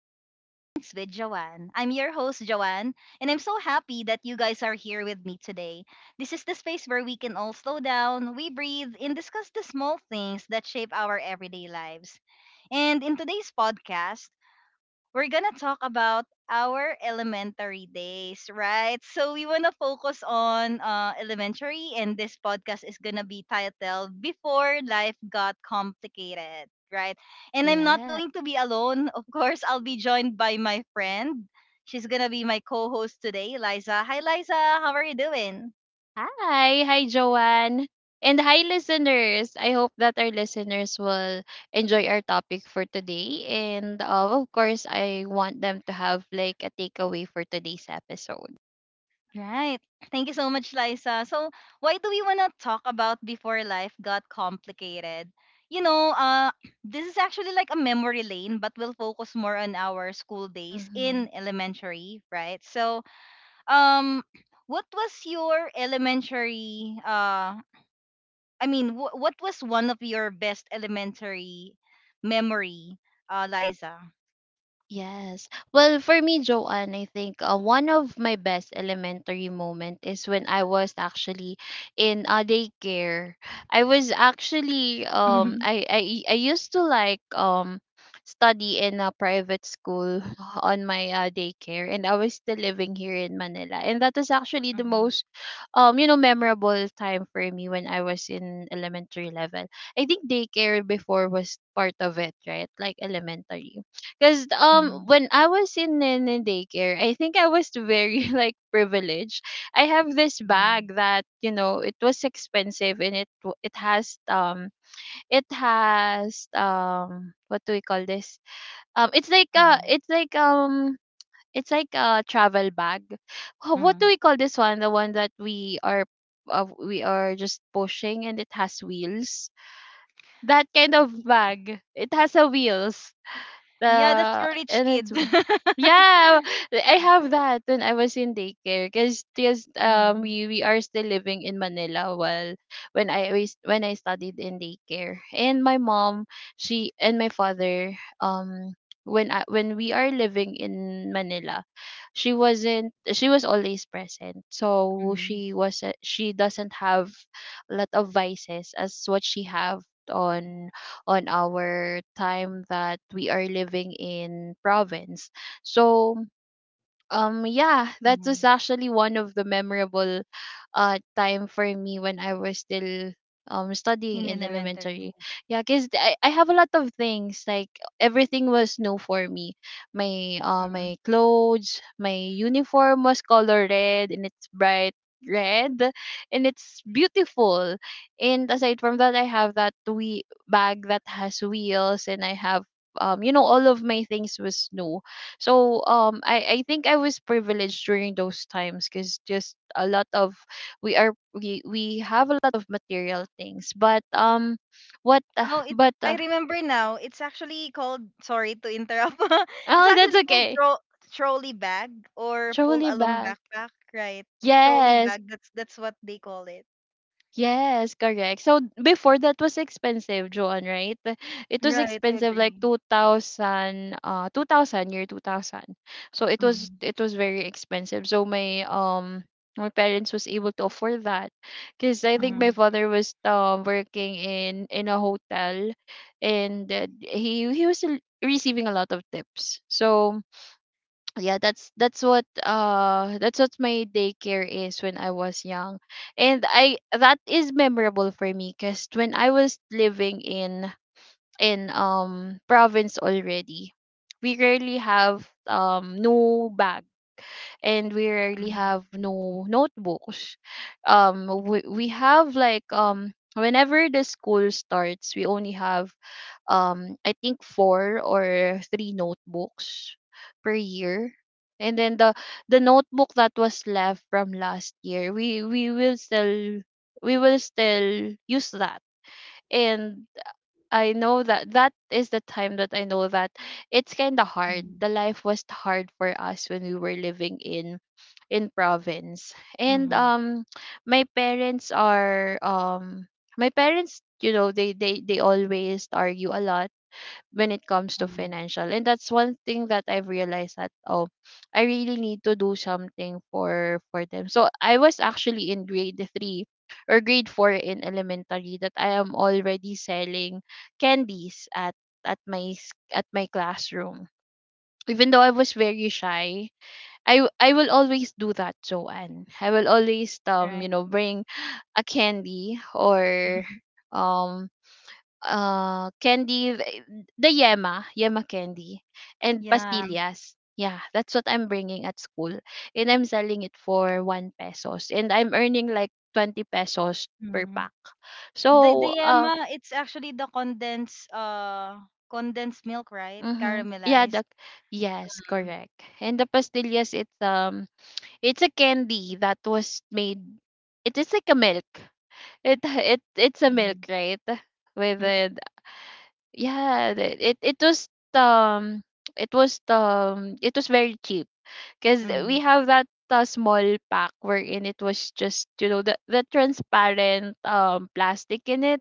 to Mindful Moments with Joanne. I'm your host, Joanne, and I'm so happy that you guys are here with me today. This is the space where we can all slow down, we breathe, and discuss the small things that shape our everyday lives. And in today's podcast, we're gonna talk about our elementary days, right? So we wanna focus on elementary, and this podcast is gonna be titled "Before Life Got Complicated," right? And I'm not Yeah. going to be alone. Of course, I'll be joined by my friend. She's gonna be my co-host today, Liza. Hi, Liza. How are you doing? Hi. Hi, Joanne. And hi, listeners. I hope that our listeners will enjoy our topic for today. And of course, I want them to have like a takeaway for today's episode. Right. Thank you so much, Liza. So, why do we want to talk about before life got complicated? You know, uh, this is actually like a memory lane, but we'll focus more on our school days Mm-hmm. in elementary, right? So, um, what was your elementary? I mean, what was one of your best elementary memory, Liza? Yes. Well, for me, Joanne, I think one of my best elementary moment is when I was actually in a daycare. I was actually um I I I used to like study in a private school on my daycare, and I was still living here in Manila. And that was actually the Mhm. most you know memorable time for me when I was in elementary level. I think daycare before was part of it, right? Like elementary. Because Mhm. when I was in daycare, I think I was very like privileged. I have this Mhm. bag that you know it was expensive, and it has what do we call this, it's like Mhm. Mhm. it's like it's like a travel bag. What do Mhm. we call this one? The one that we are, we are just pushing and it has wheels. That kind of bag. It has a wheels, Yeah, that's for rich and it's, kid. yeah, I have that when I was in daycare because just Mm, we are still living in Manila while when I was when I studied in daycare. And my mom, she and my father, um when I, when we are living in Manila, she wasn't, she was always present, so mhm, she was, she doesn't have a lot of vices as what she have on on our time that we are living in province. So yeah, that was mhm. actually one of the memorable time for me when I was still studying In in elementary. elementary. Yeah, because I have a lot of things. Like everything was new for me. My Mm. my clothes, my uniform was color red and it's bright red and it's beautiful. And aside from that, I have that we bag that has wheels and I have you know all of my things was new. So I think I was privileged during those times cuz just a lot of, we we have a lot of material things, but what Oh, it but I remember now. It's actually called sorry to interrupt. It's oh, that's actually called okay. Trolley bag or pull Truly along back. backpack, right? Trolley Yes, bag. That's what they call it. yes, correct. So before, that was expensive, Joan, right? It was Right, I expensive like agree. 2000 year 2000. So it was, Mm, it was very expensive. So my my parents was able to afford that because I think my mhm, father was working in a hotel, and he was receiving a lot of tips. So yeah, that's what that's what my daycare is when I was young. And I, that is memorable for me because when I was living in in province already, we rarely have no bag and we rarely mhm, have no notebooks. We have like whenever the school starts we only have, I think, four or three notebooks per year. And then the notebook that was left from last year, we will still, we will still use that. And I know that that is the time that I know that it's kind of mhm, hard. The life was hard for us when we were living in province. And mhm, my parents are my parents, you know, they always argue a lot when it comes to mhm. financial. And that's one thing that I've realized that, oh, I really need to do something for them. So I was actually in grade 3 or grade 4 in elementary, that I am already selling candies at at my classroom. Even though I was very shy, I will always do that, Joanne. I will always Right. you know bring a candy or um uh candy th- the yema candy and Yeah. pastillas, yeah, that's what I'm bringing at school. And I'm selling it for 1 pesos and I'm earning like 20 pesos per pack. The So yema, it's actually the condensed condensed milk, right? mm-hmm, yeah, Caramelized. the, yes, Mm-hmm. correct. And the pastillas, it's a candy that was made. It is like a milk, it's a milk, right? With Mm-hmm. yeah, it was it was it was very cheap because we have that small pack wherein it was just you know the transparent plastic in it.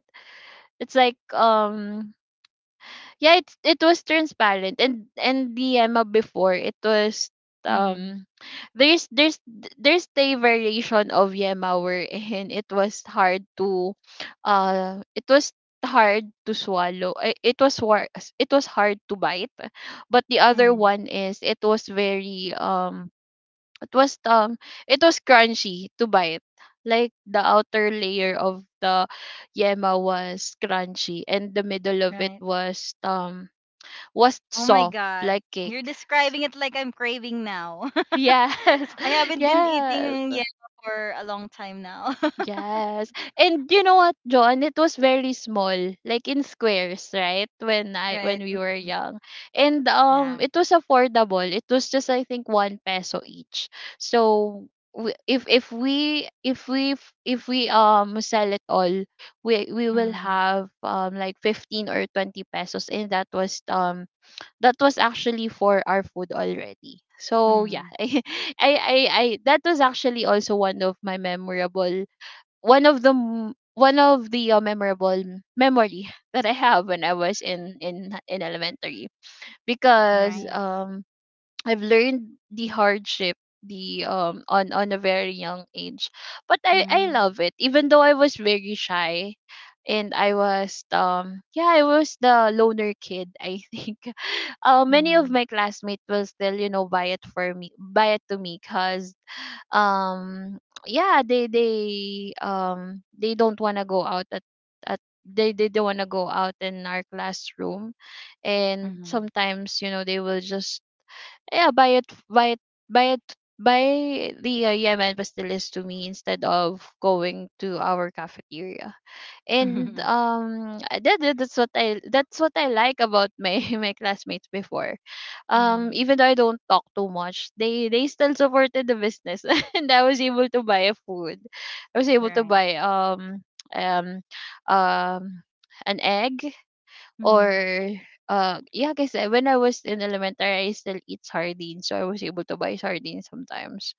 It's like yeah, it was transparent. And the Emma before, it was Mm-hmm. um there's there's there's the variation of Yema wherein it was hard to it was hard to swallow. It was war, it was hard to bite. But the other Mm-hmm. one is it was very it was um it was crunchy to bite, like the outer layer of the yema was crunchy, and the middle of it Right. Was Oh my soft God. like You're cake. describing it like I'm craving now. Yes, I haven't been yes, eating yema for a long time now. yes. And you know what, John? It was very small, like in squares, right? When I Right. when we were Mm-hmm. young, and Yeah. It was affordable. It was just, I think, one peso each. So we, if we sell it all, we will Mm-hmm. have like 15 or 20 pesos, and that was actually for our food already. So yeah, Mm-hmm. I that was actually also one of my memorable, one of the memorable memory that I have when I was in elementary, because Right. I've learned the hardship, the on a very young age. But I Mm-hmm. love it, even though I was very shy. And I was yeah, I was the loner kid, I think. Many of Mm-hmm. my classmates will still you know buy it for me, buy it to me, because yeah, they don't want to go out at they don't want to go out in our classroom. And Mm-hmm. sometimes you know they will just, yeah, buy it buy the, yemen pastilles to me instead of going to our cafeteria. And that's what I, that's what I like about my my classmates before. Mm-hmm. Even though I don't talk too much, they still supported the business. And I was able to buy a food. I was able to Right. buy um um an egg or Mm-hmm. Yeah, cause when I was in elementary, I still eat sardines, so I was able to buy sardines sometimes.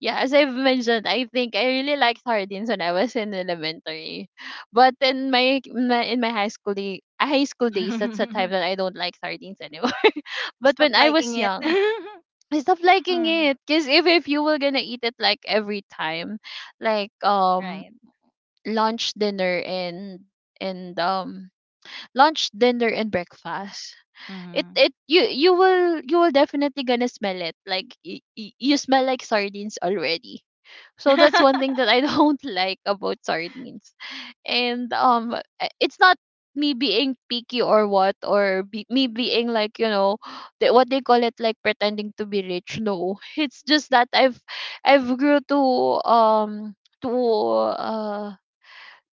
Yeah, as I've mentioned, I think I really liked sardines when I was in elementary, but in my high school day, high school days, that's a time that I don't like sardines anymore. But Stop when I liking was it. young, I stopped liking Mm. it because if you were gonna eat it like every time, like Right. lunch, dinner, and lunch, dinner, and breakfast, it Mhm. it you will, you will definitely gonna smell it. Like, you smell like sardines already. So that's one thing that I don't like about sardines. And it's not me being picky, or what or be, me being like, you know, the, what they call it, like pretending to be rich, no. It's just that I've grew um to uh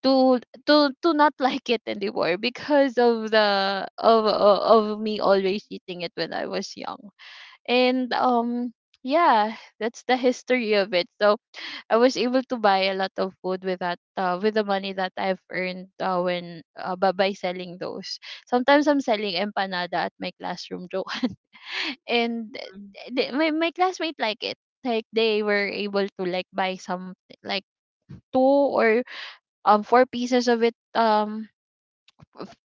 to to not like it anymore, because of the of me always eating it when I was young. And yeah, that's the history of it. So I was able to buy a lot of food with that, with the money that I've earned, when by selling those. Sometimes I'm selling empanada at my classroom, Joanne. And Mhm. My my classmate like it. Like, they were able to like buy some, like, two or four pieces of it,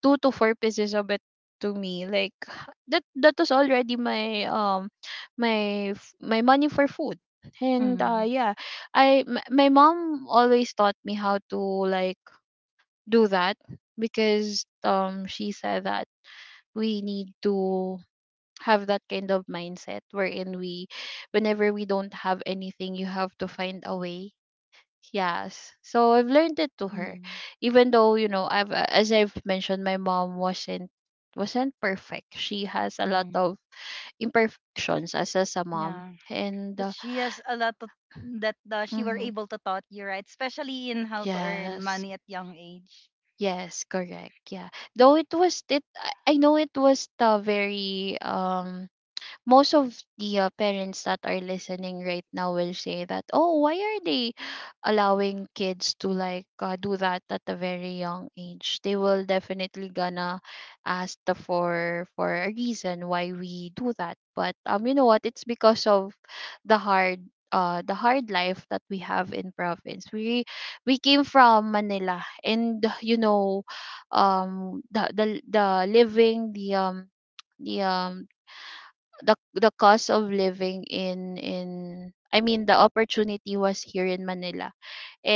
two to four pieces of it to me. Like, that that was already my my money for food. And Mhm. yeah, my mom always taught me how to, like, do that, because she said that we need to have that kind of mindset, wherein we, whenever we don't have anything, you have to find a way. Yes, so I've learned it to her. Mhm. Even though, you know, I've as I've mentioned, my mom wasn't perfect. She has a lot Mhm. of imperfections as a mom. Yeah. And But she has a lot to, that she were mhm, able to taught you, right? Especially in how to earn yes. money at young age. Yes, correct. Yeah. Though it, I know it was the very most of the parents that are listening right now will say that, oh, why are they allowing kids to like do that at a very young age. They will definitely gonna ask the for a reason why we do that. But you know what, it's because of the hard the hard life that we have in province. We came from Manila, and you know, the living the um the cost of living in I mean, the opportunity was here in Manila.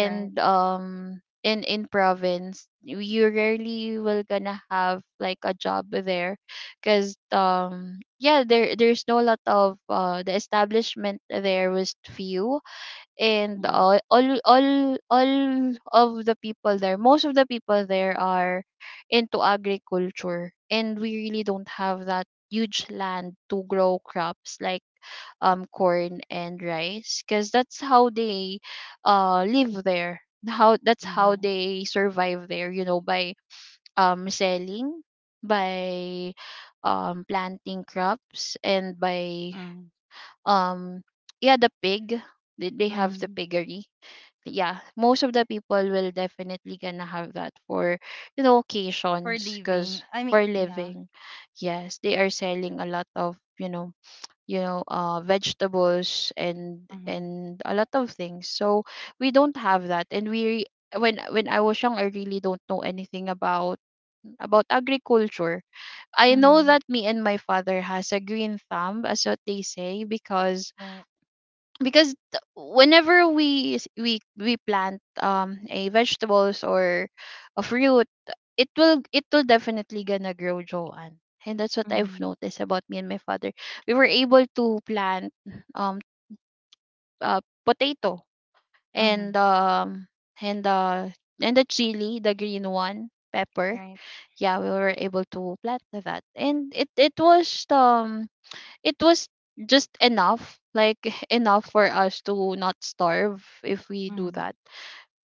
Right. In province you rarely will gonna have like a job there, because, yeah, there's no lot of the establishment there was few. And Mhm. all of the people there, most of the people there are into agriculture, and we really don't have that huge land to grow crops like corn and rice, because that's how they live there. How That's how Mhm. they survive there, you know, by selling, by planting crops, and by Mhm. um yeah the pig — they have the Mhm. piggery. Yeah, most of the people will definitely gonna have that for, you know, For occasions, because living. I for mean, yeah. living. Yes, they are selling a lot of, vegetables and Mhm. and a lot of things. So we don't have that, and when I was young, I really don't know anything about agriculture. I know Mhm. that me and my father has a green thumb, as what they say, because Right. Whenever we s- we plant a vegetables or a fruit, it will definitely gonna grow, Joanne. And that's what I've Mhm. noticed about me and my father. We were able to plant, um potato, and Mhm. And uh and the chili, the green one pepper. Right. Yeah, we were able to plant that, and it was it was just enough, like enough for us to not starve if we do Mhm. that.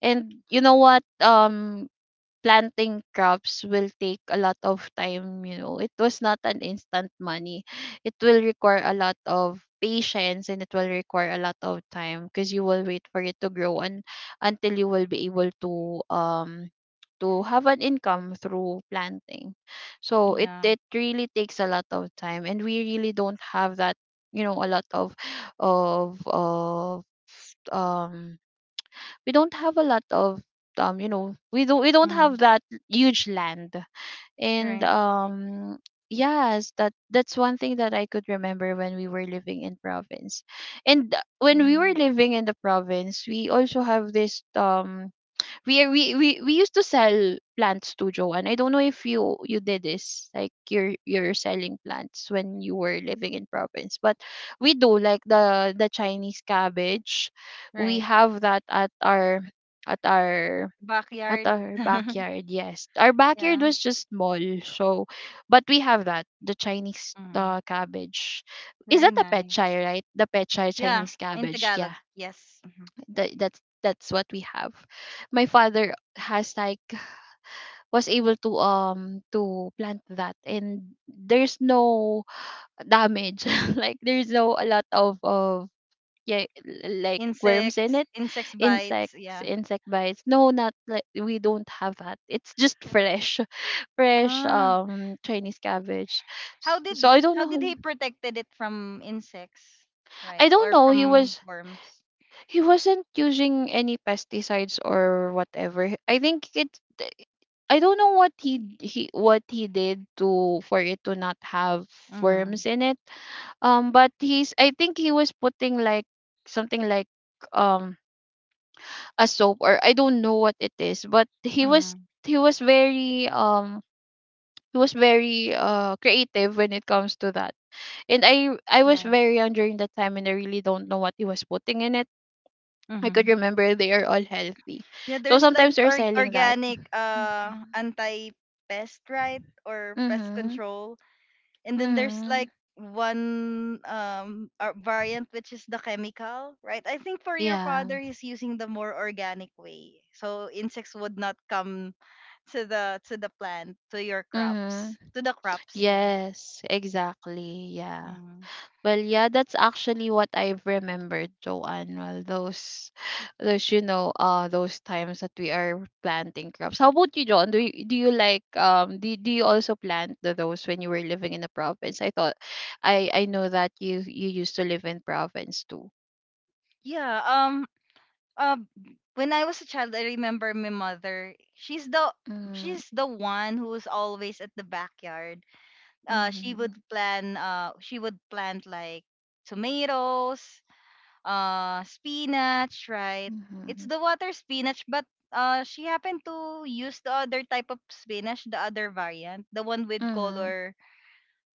And you know what, planting crops will take a lot of time. You know, it was not an instant money it will require a lot of patience, and it will require a lot of time, because you will wait for it to grow, and until you will be able to have an income through planting. So it Yeah. it really takes a lot of time, and we really don't have that, you know, a lot of of of um we don't have a lot of you know, we don't Mhm. have that huge land. And Right. Yes, that's one thing that I could remember when we were living in province. And when we were Mhm. living in the province, we also have this we used to sell plants to Joanne. I don't know if you did this, like you're selling plants when you were living in province. But we do like the Chinese cabbage. We Right. have that at our at Backyard. our backyard. Yes, our backyard Yeah. was just small. So, but we have that, the Chinese Mhm. Cabbage. Is that Very the pet chai, nice. right? The pet chai Yeah, Chinese in cabbage. Yeah, Tagalog. Yes. Mhm. That's what we have. My father has like was able to plant that, and there's no damage like there's no a lot of, yeah, like worms in Insects, it. insects bites, Insects, yeah. insect bites, no, not like, we don't have that. It's just fresh fresh Ah. Chinese cabbage. How So did I don't how did know. he protected it from insects, I right? don't Or know. From worms? He wasn't using any pesticides or whatever. I think it I don't know what he what he did to — for it to not have Mhm. worms in it. But he's, I think he was putting like something, like, um a soap or I don't know what it is, but Mhm. he was very um he was very creative when it comes to that. And I was Right. very young during that time, and I really don't know what he was putting in it. I could Mhm. remember they are all healthy. Yeah, So there's like sometimes they're selling that. organic Mhm. anti-pest, right? Or pest Mhm. control. And then there's Mhm. like one variant which is the chemical, right? I think for your Yeah. father he's using the more organic way, so insects would not come to the plant, Mhm. To the crops, yeah. Yes, exactly. Yeah. Mhm. Well, yeah, that's actually what I've remembered, Joanne. Well, those, you know, those times that we are planting crops. How about you, John? Do you like, do you also plant the, those when you were living in the province? I thought, I know that you used to live in province too. Yeah, uh, when I was a child, I remember my mother, Mm-hmm. she's the one who's always at the backyard. She Mm-hmm. would plan she would plant like tomatoes, spinach, right? It's Mhm, the water spinach, but she happened to use the other type of spinach, the other variant, the one with mhm. color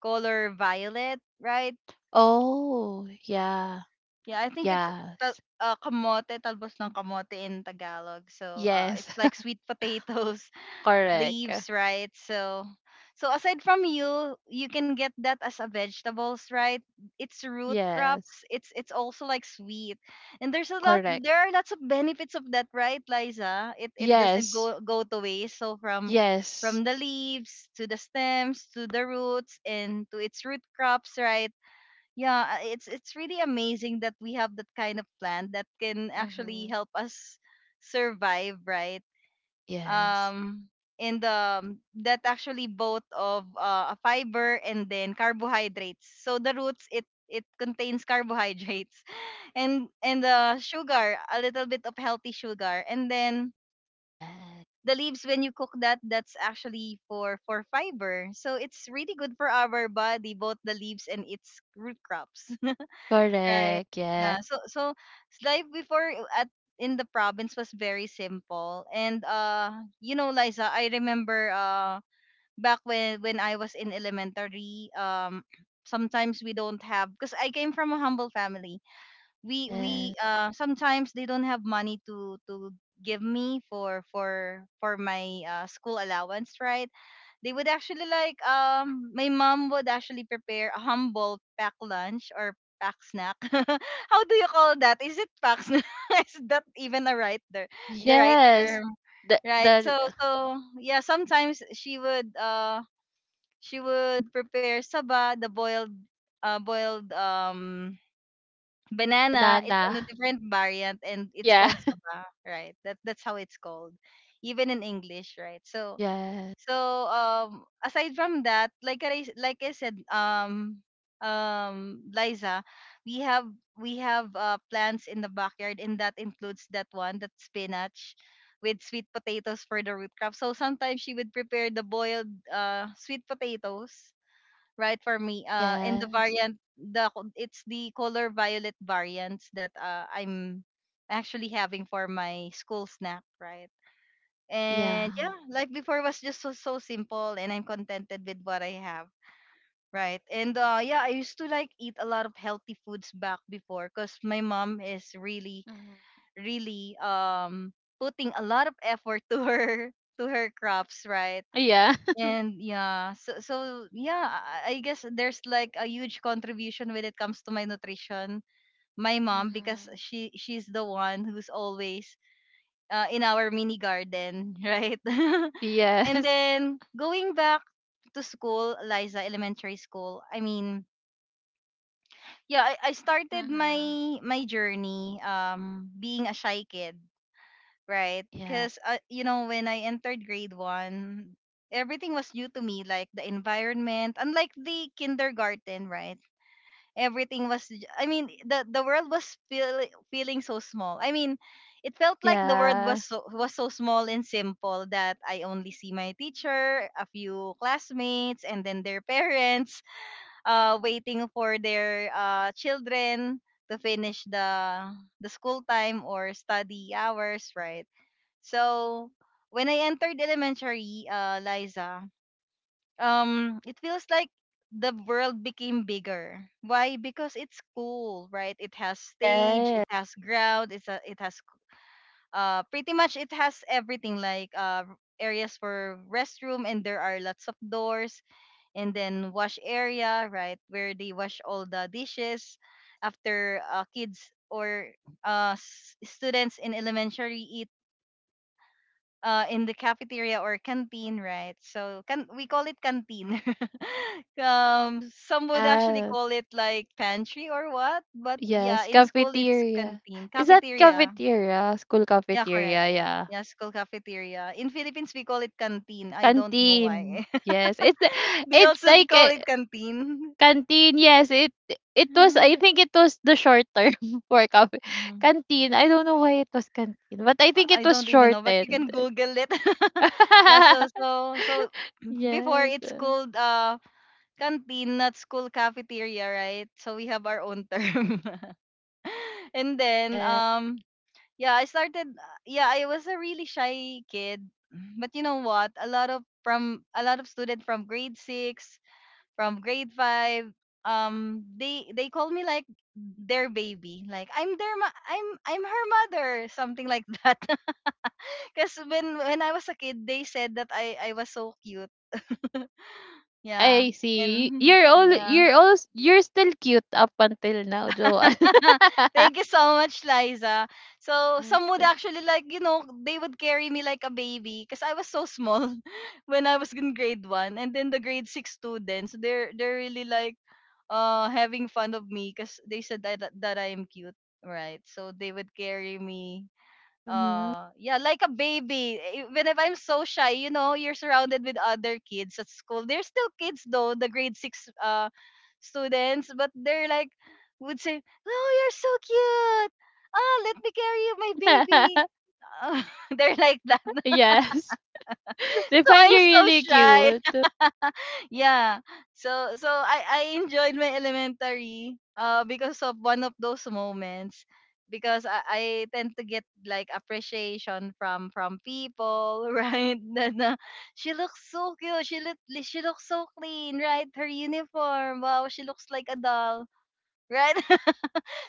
color violet, right? Oh, yeah, Yeah, I think it's tal- yes. Kamote, talbos ng kamote in Tagalog. So, Yes, it's like sweet potatoes correct. leaves, right? So aside from you can get that as a vegetables, right? It's root Yes, crops. It's also like sweet. And there's a lot correct. there are lots of benefits of that, right, Liza? It doesn't Yes, go to waste. So from yes. from the leaves to the stems to the roots and to its root crops, right? Yeah, it's really amazing that we have that kind of plant that can actually Mhm. help us survive, right? Yes, um in the that actually both of a fiber and then carbohydrates, so the roots, it contains carbohydrates and the sugar, a little bit of healthy sugar, and then yes. the leaves when you cook that, that's actually for fiber, so it's really good for our body, both the leaves and its root crops. Right. Correct, yeah. Yeah. So so life before I- at in the province was very simple. And you know, Liza, I remember back when I was in elementary, sometimes we don't have because I came from a humble family. We Yes. Sometimes they don't have money to give me for my school allowance, right? They would actually like my mom would actually prepare a humble pack lunch or pack snack. How do you call that? Is it pack snack? Is that even a right there the right Yes. term? The Right. So yeah, sometimes she would prepare saba, the boiled boiled banana. It's on a banana. different variant and it's Yeah. called saba, right? That that's how it's called. Even in English, right? Yes. Aside from that, like I said, Liza, we have we have plants in the backyard and that includes that one, that spinach with sweet potatoes for the root crop. So sometimes she would prepare the boiled sweet potatoes, right, for me. In the Yes. variant, it's the color violet variants that I'm actually having for my school snack, right? Yeah. And yeah, life before was just so simple and I'm contented with what I have. Right. And yeah, I used to like eat a lot of healthy foods back before cuz my mom is really Mhm. really putting a lot of effort to her to her crops, right? Yeah. And yeah, so yeah, I guess there's like a huge contribution when it comes to my nutrition. My mom, because Mhm. she's the one who's always in our mini garden, right? And Yes. then going back to school, Liza Elementary School. I mean, yeah, I started Mhm. my journey being a shy kid, right? Yeah. Because when I entered grade one, everything was new to me, like the environment, unlike the kindergarten, right? Everything was I mean, the world was feeling so small. I mean, it felt like the world Yeah. was so small and simple that I only see my teacher, a few classmates, and then their parents waiting for their children to finish the school time or study hours, right? So when I entered elementary, Liza, it feels like the world became bigger. Why? Because it's cool, right? It has stage, it Yes. has ground, it has pretty much it has everything, like areas for restroom, and there are lots of doors, and then wash area, right, where they wash all the dishes after kids or students in elementary eat in the cafeteria or canteen, right? So can we call it canteen? um, some would actually Yeah. call it like pantry or what, but yeah, Yes, in school it's cafeteria. canteen, Is that cafeteria. cafeteria? School Yeah, correct. cafeteria, yeah. Yeah, school cafeteria. In Philippines we call it canteen. I don't know Canteen. why. Yes. They It's also like call a it canteen. canteen. Yes, it was, Mhm. I think it was the short term for cafe. Mhm. Canteen. I don't know why it was canteen, but I think I it was don't even know, but you shortened. can Google it. Yeah, so so so before Yes. it's called canteen, not school cafeteria, right? So we have our own term. And then Yeah. Yeah, I started yeah, I was a really shy kid. But you know what? A lot of from a lot of students from grade 6, from grade 5, they call me like their baby. Like I'm their ma- I'm her mother, something like that. Cuz when I was a kid, they said that I was so cute. Yeah. I see. And yeah. You're still cute up until now, Joanne. Thank you so much, Liza. So Yeah. some would actually like, they would carry me like a baby because I was so small when I was in grade one. And then the grade six students, they're really like having fun of me because they said that I am cute. Right. So they would carry me Mhm. Yeah, like a baby. Eh, even if I'm so shy, you're surrounded with other kids at school. They're still kids though, the grade six students, but they're like would say, "Oh, you're so cute. Ah, let me carry you, my baby." Ah, they're like that. Yes. They So find you I'm so really shy. cute. Yeah. So I enjoyed my elementary because of one of those moments, because I tend to get like appreciation from people right? That she looks so cute, she looks so clean, right? Her uniform, wow, she looks like a doll, right?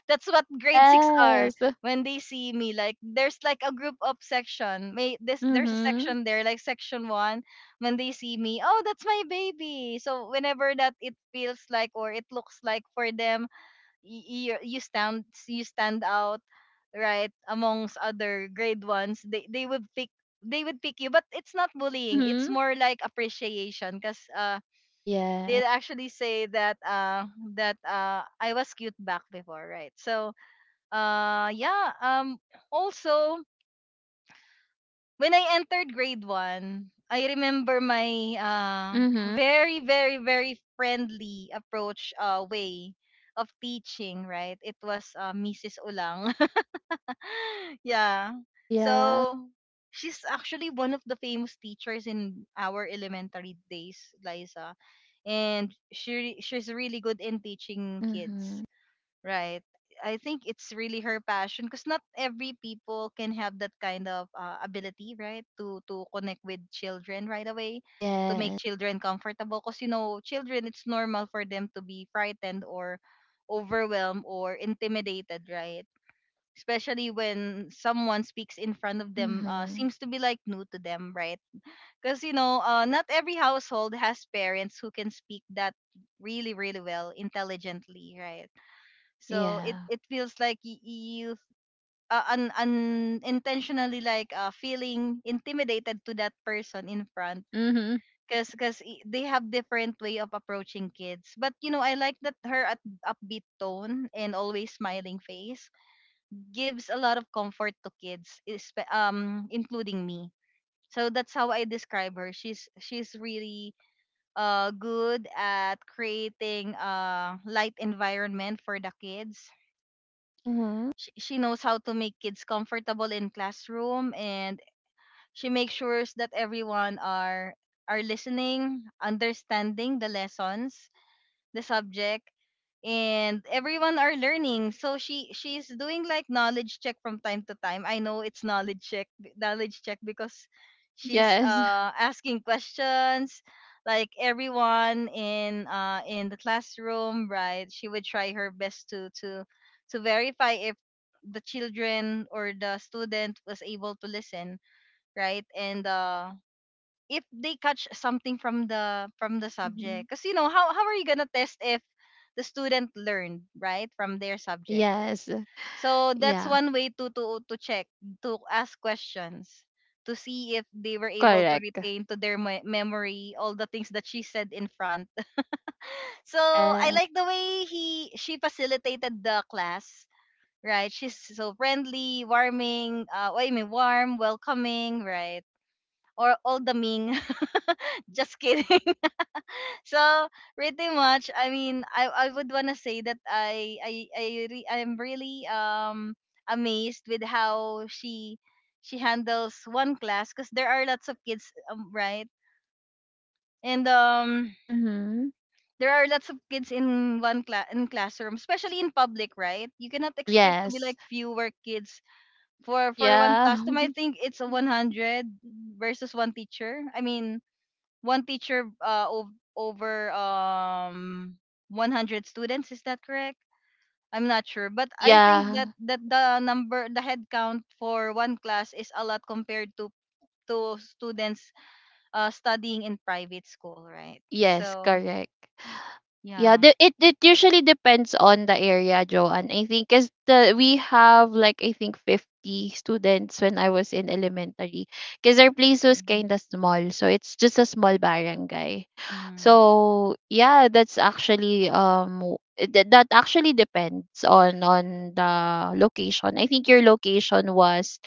That's what grade six are Yes. when they see me. Like there's like a group of section. May this, there's a Mhm. section there, like section one, when they see me, oh, that's my baby. So whenever that, it feels like or it looks like for them, you stand out, right, amongst other grade ones. They would pick you, but it's not bullying. It's Mhm. more like appreciation, cause Yeah. they actually say that I was cute back before, right? So uh yeah um also when I entered grade 1, I remember my Mhm. very very very friendly approach, way of teaching, right? It was Mrs. Ulang. Yeah. Yeah. So she's actually one of the famous teachers in our elementary days, Liza. And she's really good in teaching kids. Mhm. Right. I think it's really her passion because not every people can have that kind of ability, right? To connect with children right away, to make Yes. children comfortable. Because you know, children, it's normal for them to be frightened or overwhelmed or intimidated, right? Especially when someone speaks in front of them, Mhm. seems to be like new to them, right? Because you know, not every household has parents who can speak that really, really well, intelligently, right? So it Yeah. it feels like you unintentionally like feeling intimidated to that person in front. Mhm. Because they have different way of approaching kids. But you know, I like that her at upbeat tone and always smiling face gives a lot of comfort to kids, including me. So that's how I describe her. She's really good at creating a light environment for the kids. Mhm. She knows how to make kids comfortable in classroom, and she makes sure that everyone are listening, understanding the lessons, the subject, and everyone are learning. So she's doing like knowledge check from time to time. I know it's knowledge check, because she's Yes. Asking questions, like everyone in in the classroom, right? She would try her best to verify if the children or the student was able to listen, right? And if they catch something from the Mhm. subject. Because you know how are you gonna test if the student learned right from their subject? Yes. So that's Yeah. one way to check, to ask questions, to see if they were able to Correct. retain to their memory all the things that she said in front. So I Yeah. like the way he she facilitated the class, right? She's so friendly, warming, I mean warm, welcoming, right? Or all the ming. Just kidding. So pretty much, I mean, I would wanna say that I'm really amazed with how she handles one class, because there are lots of kids, right? And Mhm. there are lots of kids in one class, in classroom, especially in public, right? You cannot expect to be Yes. like fewer kids for one Yeah. classroom. I think it's a 100 versus one teacher. I mean, one teacher ov- over 100 students, is that correct? I'm not sure, but I think that Yeah. The number, the head count for one class is a lot compared to students studying in private school, right? Yes, So correct. Yeah, yeah. It it usually depends on the area, Joanne. I think because the we have like, I think, 50 students when I was in elementary, because our place was Mhm. kind of small, so it's just a small barangay. Mhm. So yeah, that's actually that actually depends on the location. I think your location was,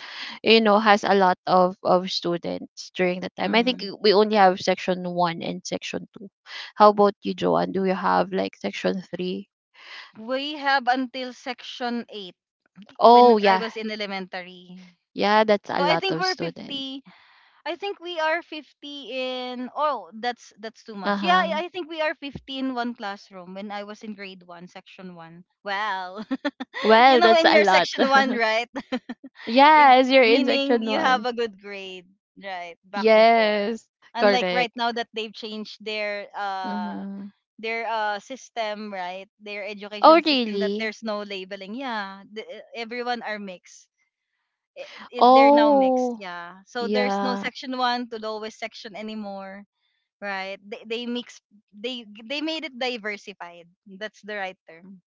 you know, has a lot of students during the time. I think Mhm. we only have section one and section two. How about you, Joanne? Do you have like section three? We have until section 8 when Oh I yeah, was in elementary. yeah, that's a So I lot think of we're student. 50. I think we are 50 in, oh, that's too Uh much. Yeah, huh. I think we are 50 in one classroom when I was in grade 1, section 1. Wow. You Well, know, that's in a your lot. section 1, right? If Yes, you're in meaning section you have one. a good grade, right? Back before. Yes, Unlike right correct. now, that they've changed their Mm-hmm. System, right? Their Oh education system, that really? there's no labeling. Yeah, everyone are mixed. They're now mixed, Oh yeah. So there's no yeah. section 1 to lowest section anymore, right? They mix, they made it diversified. That's the right term.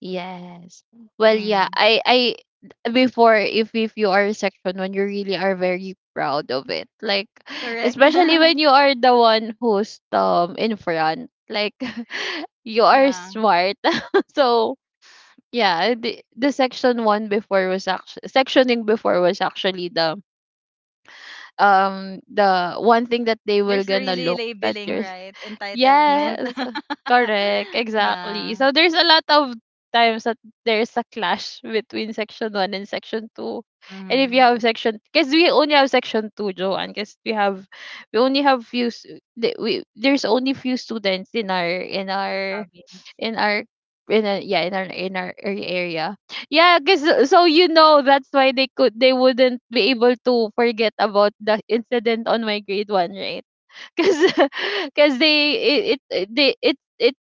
Yes. Well, yeah, Mm. I before, if you are section one, you really are very proud of it. Like, Correct. especially when you are the one who's in front. Like, you are Yeah. smart. So yeah, the section one before was actually sectioning before was actually the one thing that they will There's gonna really look at labeling, your — right? Entitlement. Yes, correct, exactly. Yeah. So there's a lot of times that there's a clash between section 1 and section 2. And if you Mm-hmm. have section, because we only have section 2, Joanne, because we only have few there's only few students in our Province. in our in a, yeah, in our area. Yeah, because — so you know, that's why they could, they wouldn't be able to forget about the incident on my grade one, right? because because they it it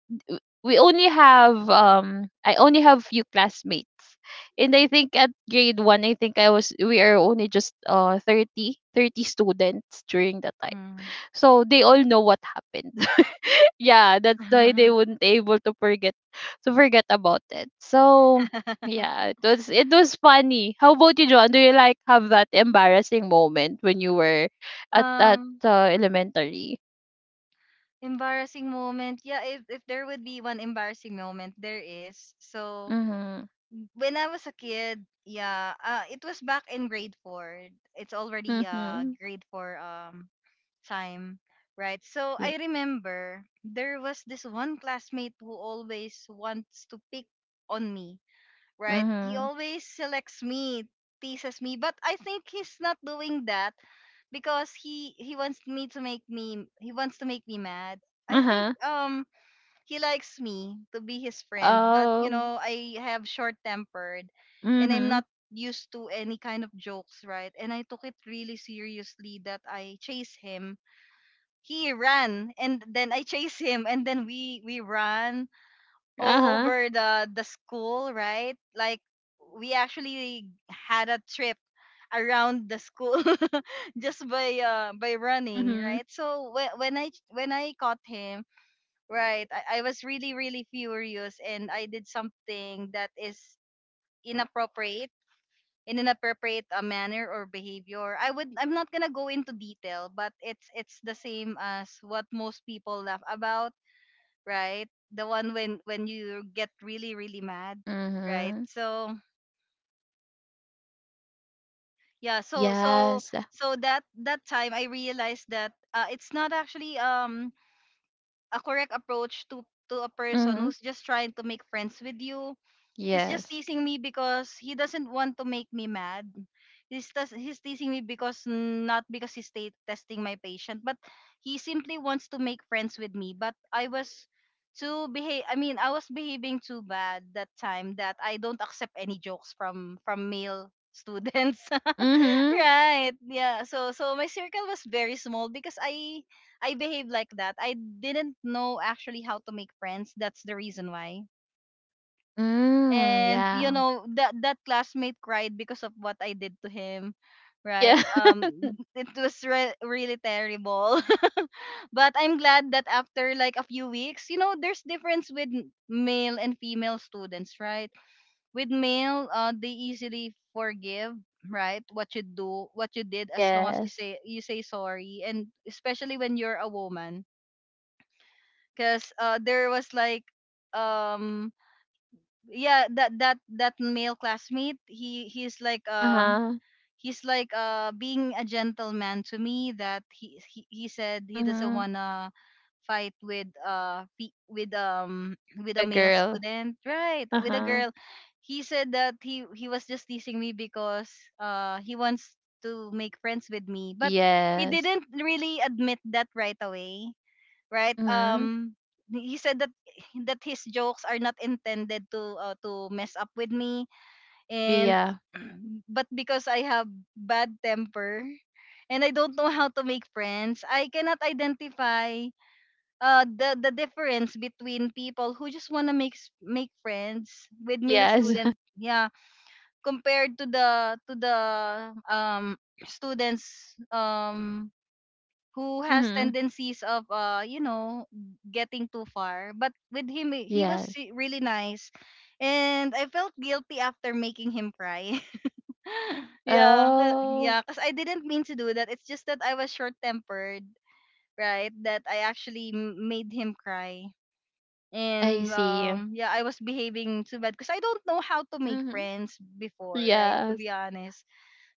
we only have, um, I only have few classmates, and I think at grade 1, I think I was we are only just, uh, 30 students during that time, Mm. so they all know what happened yeah, that's why they wouldn't able to forget about it. So yeah, it was funny. How about you, John? Do you like have that embarrassing moment when you were at, um elementary? Embarrassing moment, yeah. If there would be one embarrassing moment, there is, so Mhm. when I was a kid. Yeah, it was back in grade 4. It's already Mhm. grade 4 time, right? So Yeah. I remember there was this one classmate who always wants to pick on me, right? He Mhm. always selects me, teases me, but I think he's not doing that because he wants me to make me, he wants to make me mad. I think Uh-huh. He likes me to be his friend, but you Oh. know, I have short tempered and I'm Mhm. not used to any kind of jokes, right? And I took it really seriously that I chase him, he ran and then I chased him, and then we ran all Uh-huh. over the school, right? Like we actually had a trip around the school just by running, Mhm. right? So when I caught him, right, I was really really furious, and I did something that is inappropriate in an appropriate manner or behavior. I'm not gonna go into detail, but it's the same as what most people laugh about, right? The one when you get really really mad, right? Mhm. So yeah, Yes. so that that time I realized that it's not actually a correct approach to a person Mhm. who's just trying to make friends with you. He's just Yes. teasing me because he doesn't want to make me mad. He's teasing me because mm, not because he's testing my patient, but he simply wants to make friends with me. But I was too behave. I mean, I was behaving too bad that time, that I don't accept any jokes from male students. Mhm. Right? Yeah. So so my circle was very small, because I behaved like that. I didn't know actually how to make friends. That's the reason why. Mm, And you yeah. know that that classmate cried because of what I did to him, right? Yeah. It was really terrible. But I'm glad that after like a few weeks, you know, there's difference with male and female students, right? With male, they easily forgive, right, what you do, what you did, as long as Yes. You say sorry, and especially when you're a woman. Because there was like um yeah, that male classmate, Uh-huh. he's like being a gentleman to me, that he said he doesn't Mhm. wanna fight with with With a a male girl. student, right? With a Uh-huh. girl. He said that he was just teasing me because he wants to make friends with me. But he Yes. didn't really admit that right away, right? Mhm. He said that his jokes are not intended to mess up with me. And Yeah. but because I have bad temper and I don't know how to make friends, I cannot identify the difference between people who just wanna make friends with male Yes. student, yeah, compared to the um students, who has Mhm. tendencies of you know, getting too far. But with him, he was Yes. Really nice, and I felt guilty after making him cry. Yeah. Oh, Yeah, because I didn't mean to do that. It's just that I was short-tempered, right? That I actually made him cry. I And see. Yeah, I was behaving too bad because I don't know how to make Mhm. friends before, right? To Yes. be honest.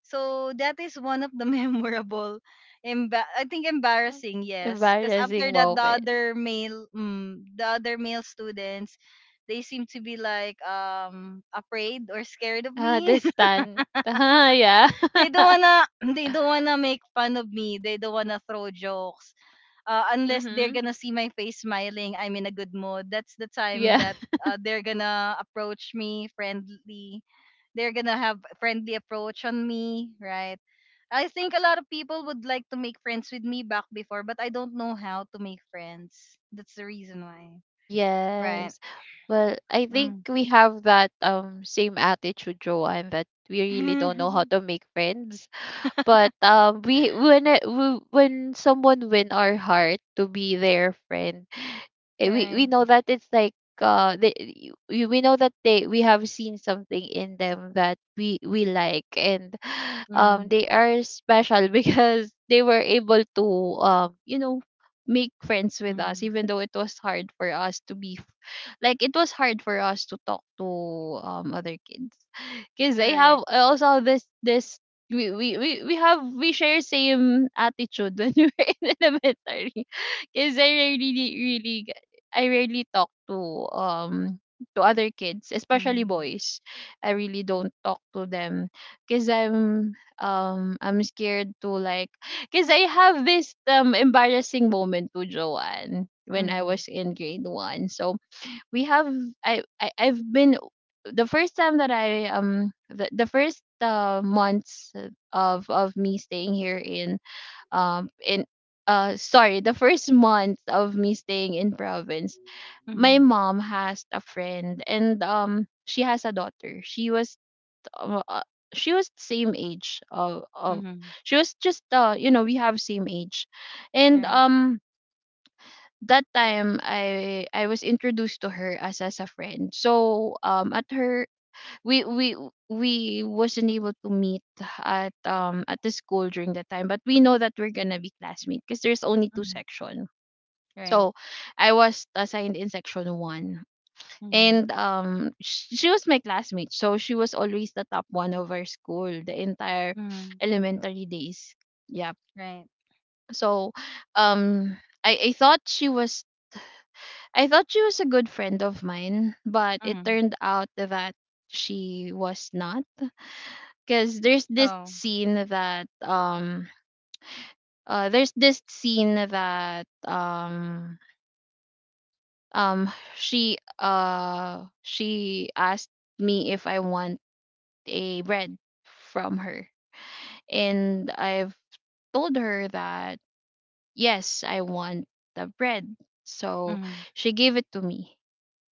So that is one of the memorable, I think Um, embarrassing, yes. Because after embarrassing that, moment. The other male students, they seem to be like afraid or scared of Ah, the me. stand. Ah, yeah. They don't wanna, they don't wanna make fun of me. They don't wanna throw jokes. Unless they're Mm-hmm. gonna see my face smiling, I'm in a good mood. That's the time Yeah. that they're gonna approach me friendly, they're gonna have friendly approach on me, right? I think a lot of people would like to make friends with me back before, but I don't know how to make friends. That's the reason why. Right. Yes. Well, I think Mm. we have that same attitude, Joanne, that we really don't know how to make friends. But we when it, we, when someone win our heart to be their friend, eh, we Right. we know that it's like they, we know that they, we have seen something in them that we like, and Mm. they are special because they were able to you know, make friends with us, Mm. even though it was hard for us to be like, it was hard for us to talk to other kids because I Correct. have, I also have this, this, we have, we share same attitude when we were in elementary, because I really, really, I rarely talk to other kids, especially Mm. boys. I really don't talk to them, because I'm scared to, like, because I have this embarrassing moment to Joanne when I Mm. was in grade one. So we have I I've been the first time that I the first months of me staying here in sorry, the first month of me staying in province. My Mm. mom has a friend, and she has a daughter. She was uh, uh, she was same age of Mm. she was just we have same age. And Right. That time I was introduced to her as a friend. So at her we we we wasn't able to meet at the school during that time, but we know that we're gonna be classmates because there's only two Mm. section. Right. So I was assigned in section one, Mm. and she was my classmate. So she was always the top one of our school the entire Mm. elementary days, yeah. Right. So um I, I thought she was I thought she was a good friend of mine, but it Mm. turned out that she was not, because Oh. There's this scene that she asked me if I want a bread from her. And I've told her that yes, I want the bread. So Mm. she gave it to me.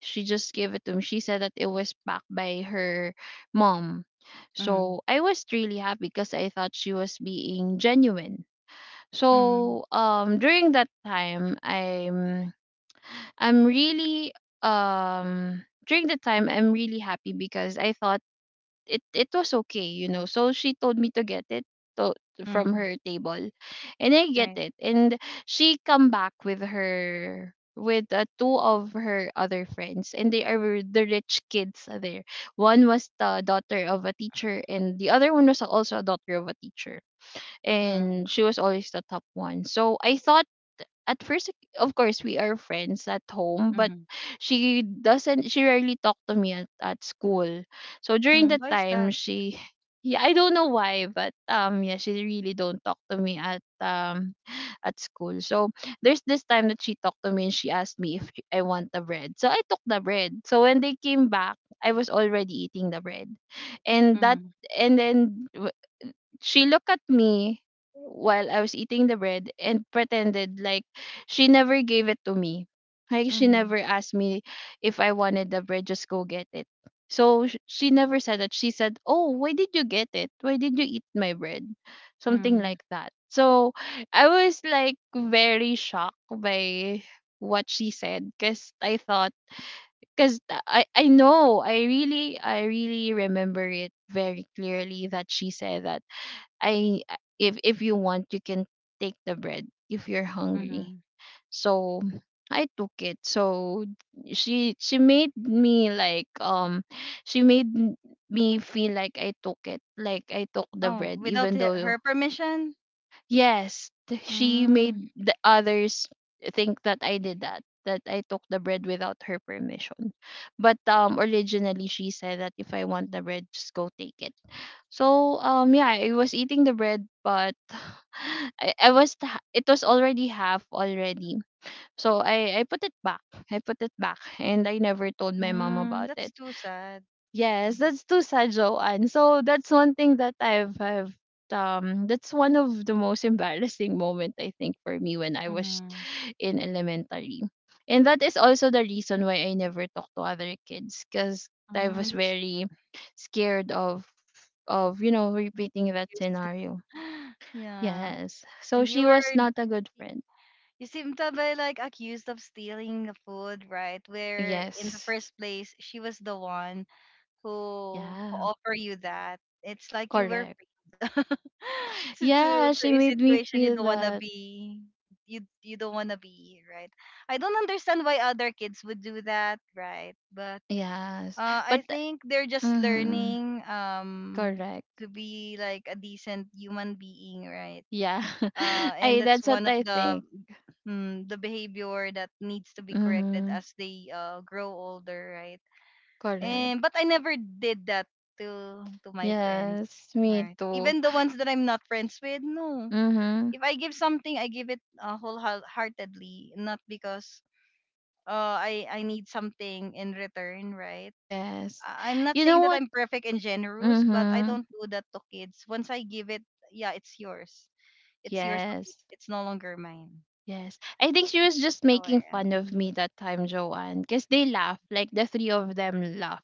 She just gave it to me. She said that it was packed by her mom. Mm. So I was really happy because I thought she was being genuine. Mm. So I'm really during the time I'm really happy because I thought it was okay. So she told me to get it to, from Mm. her table, and I get Right. it. And she come back with two of her other friends, and they are the rich kids there. One was the daughter of a teacher, and the other one was also a daughter of a teacher, Mm. and she was always the top one. So I thought, at first, of course we are friends at home, but Mm. she doesn't she rarely talked to me at, school. So during Mm. that Why is time that? she— yeah, I don't know why, but yeah, she really don't talk to me at school. So there's this time that she talked to me, and she asked me if I want the bread, so I took the bread. So when they came back, I was already eating the bread. And that Mm. and then she looked at me while I was eating the bread and pretended like she never gave it to me. Like she Mm. never asked me if I wanted the bread, just go get it. So she never said that. She said, "Oh, why did you get it? Why did you eat my bread?" Something Mm. like that. So I was like very shocked by what she said, because I thought— because I really remember it very clearly that she said that I if you want, you can take the bread if you're hungry. Mm. So I took it. So she made me like she made m- me feel like I took it, like I took the Oh, bread, even without though— her permission? yes, she made Mm, the others think that I did that I took the bread without her permission. But originally she said that if I want the bread, just go take it. So yeah, I was eating the bread, but it was already half already. So I put it back. I put it back, and I never told my mom about mm, it. that's too sad. Yes, that's too sad, Joanne. So that's one thing that I've I have that's one of the most embarrassing moment, I think, for me when I was Mm-hmm. in elementary. And that is also the reason why I never talked to other kids, because I was Mm, that's very scared of being repeating that accused. scenario. Yeah. Yes. So And she you were, was not a good friend. you seem to be like accused of stealing the food, right? Where in the Yes. first place she was the one who Yeah. offer you that. It's like you were Correct. framed Yeah, to she a made me situation you feel don't wanna that. be. You don't wanna be, right? I don't understand why other kids would do that, right? But Yes. But I think they're just mhm. learning Correct. to be like a decent human being, right? Yeah. And I that's that's what one of I the think. mm, the behavior that needs to be corrected Mhm. as they grow older, right? Correct. And but I never did that to my friends, Yes, me right? too. Even the ones that I'm not friends with, no. Mhm. If I give something, I give it wholeheartedly, not because I need something in return, right? Yes. I'm not You know saying that what? I'm perfect and generous, but I Mhm. don't do that to kids. Once I give it, yeah, it's yours. It's yours to Yes. keep. It's no longer mine. Yes. I think she was That's just just how I making am. fun of me that time, Joanne, cuz they laugh. Like the three of them laugh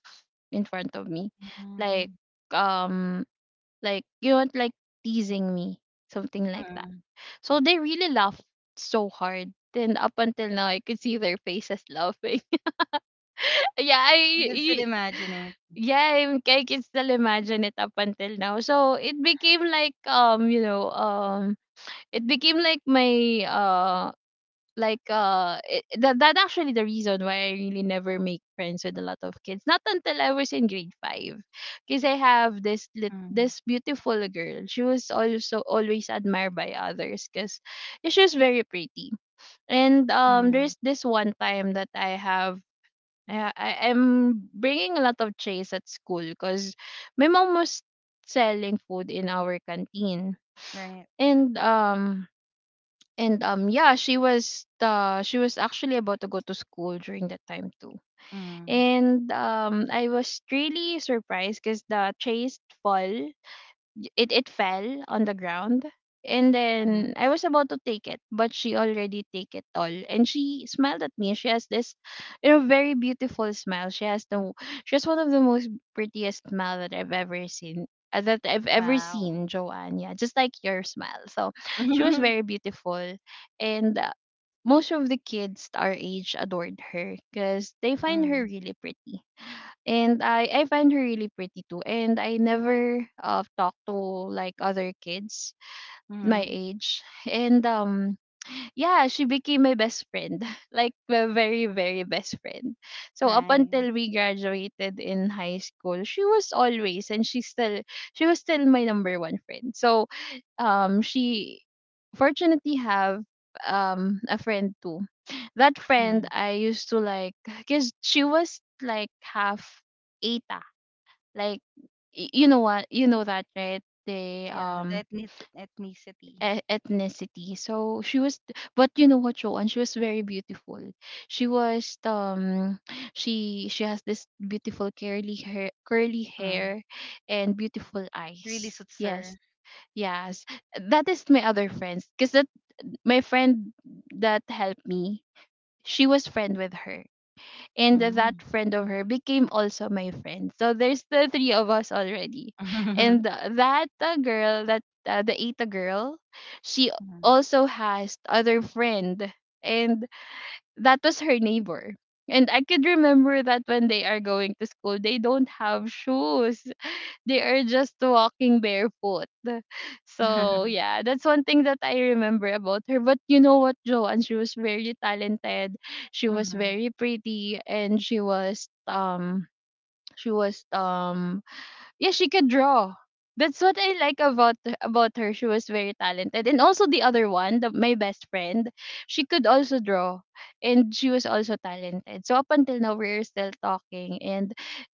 in front of me. Like— Mm, um you know, what, like teasing me, something like that. Mm. So they really laughed so hard. Then up until now, I could see their faces laughing. yeah, I, You can still y- imagine it. yeah, I can still imagine it up until now. So it became like— it became like my— that actually the reason why I really never make friends with a lot of kids. Not until I was in grade five, because I have Mm. this beautiful girl. She was also always admired by others because she was very pretty. And there's mm, this one time that I have. I ha- I am bringing a lot of trays at school because my mom was selling food in our canteen. Right. And yeah, she was actually about to go to school during that time too. Mm. And I was really surprised because the chased fall, it fell on the ground. And mm, then I was about to take it, but she already take it all, and she smiled at me. She has this you know very beautiful smile. She has one of the most prettiest smile that I've ever seen, Wow. Joanne. Yeah, just like your smile. So she was very beautiful, and most of the kids our age adored her because they find her mm. really pretty. And I find her really pretty too. And I never talked to like other kids my Mm. age. And yeah, she became my best friend, like my very, very best friend. So up until Right. we graduated in high school, she was still my number one friend. So she fortunately have a friend too. That friend Mm. I used to like, because she was like half Eta. Like, you know, what, you know that, right? They— Yeah, the ethnicity. Ethnicity. So but you know what, Joanne, she was very beautiful. She was she has this beautiful curly Mm. hair, and beautiful Really eyes. suits Yes, her. yes. That is my other friends, because that— my friend that helped me, she was friend with her, and that Mm. friend of her became also my friend. So there's the three of us already. And that girl, that the Ita girl, she mm. also has other friend, and that was her neighbor. And I could remember that when they are going to school, they don't have shoes. They are just walking barefoot. So yeah, that's one thing that I remember about her. But you know what, Joanne? She was very talented. She was Mhm. very pretty, and she was yeah, she could draw. That's what I like about her. She was very talented. And also the other one, my best friend, she could also draw, and she was also talented. So up until now, we're still talking. And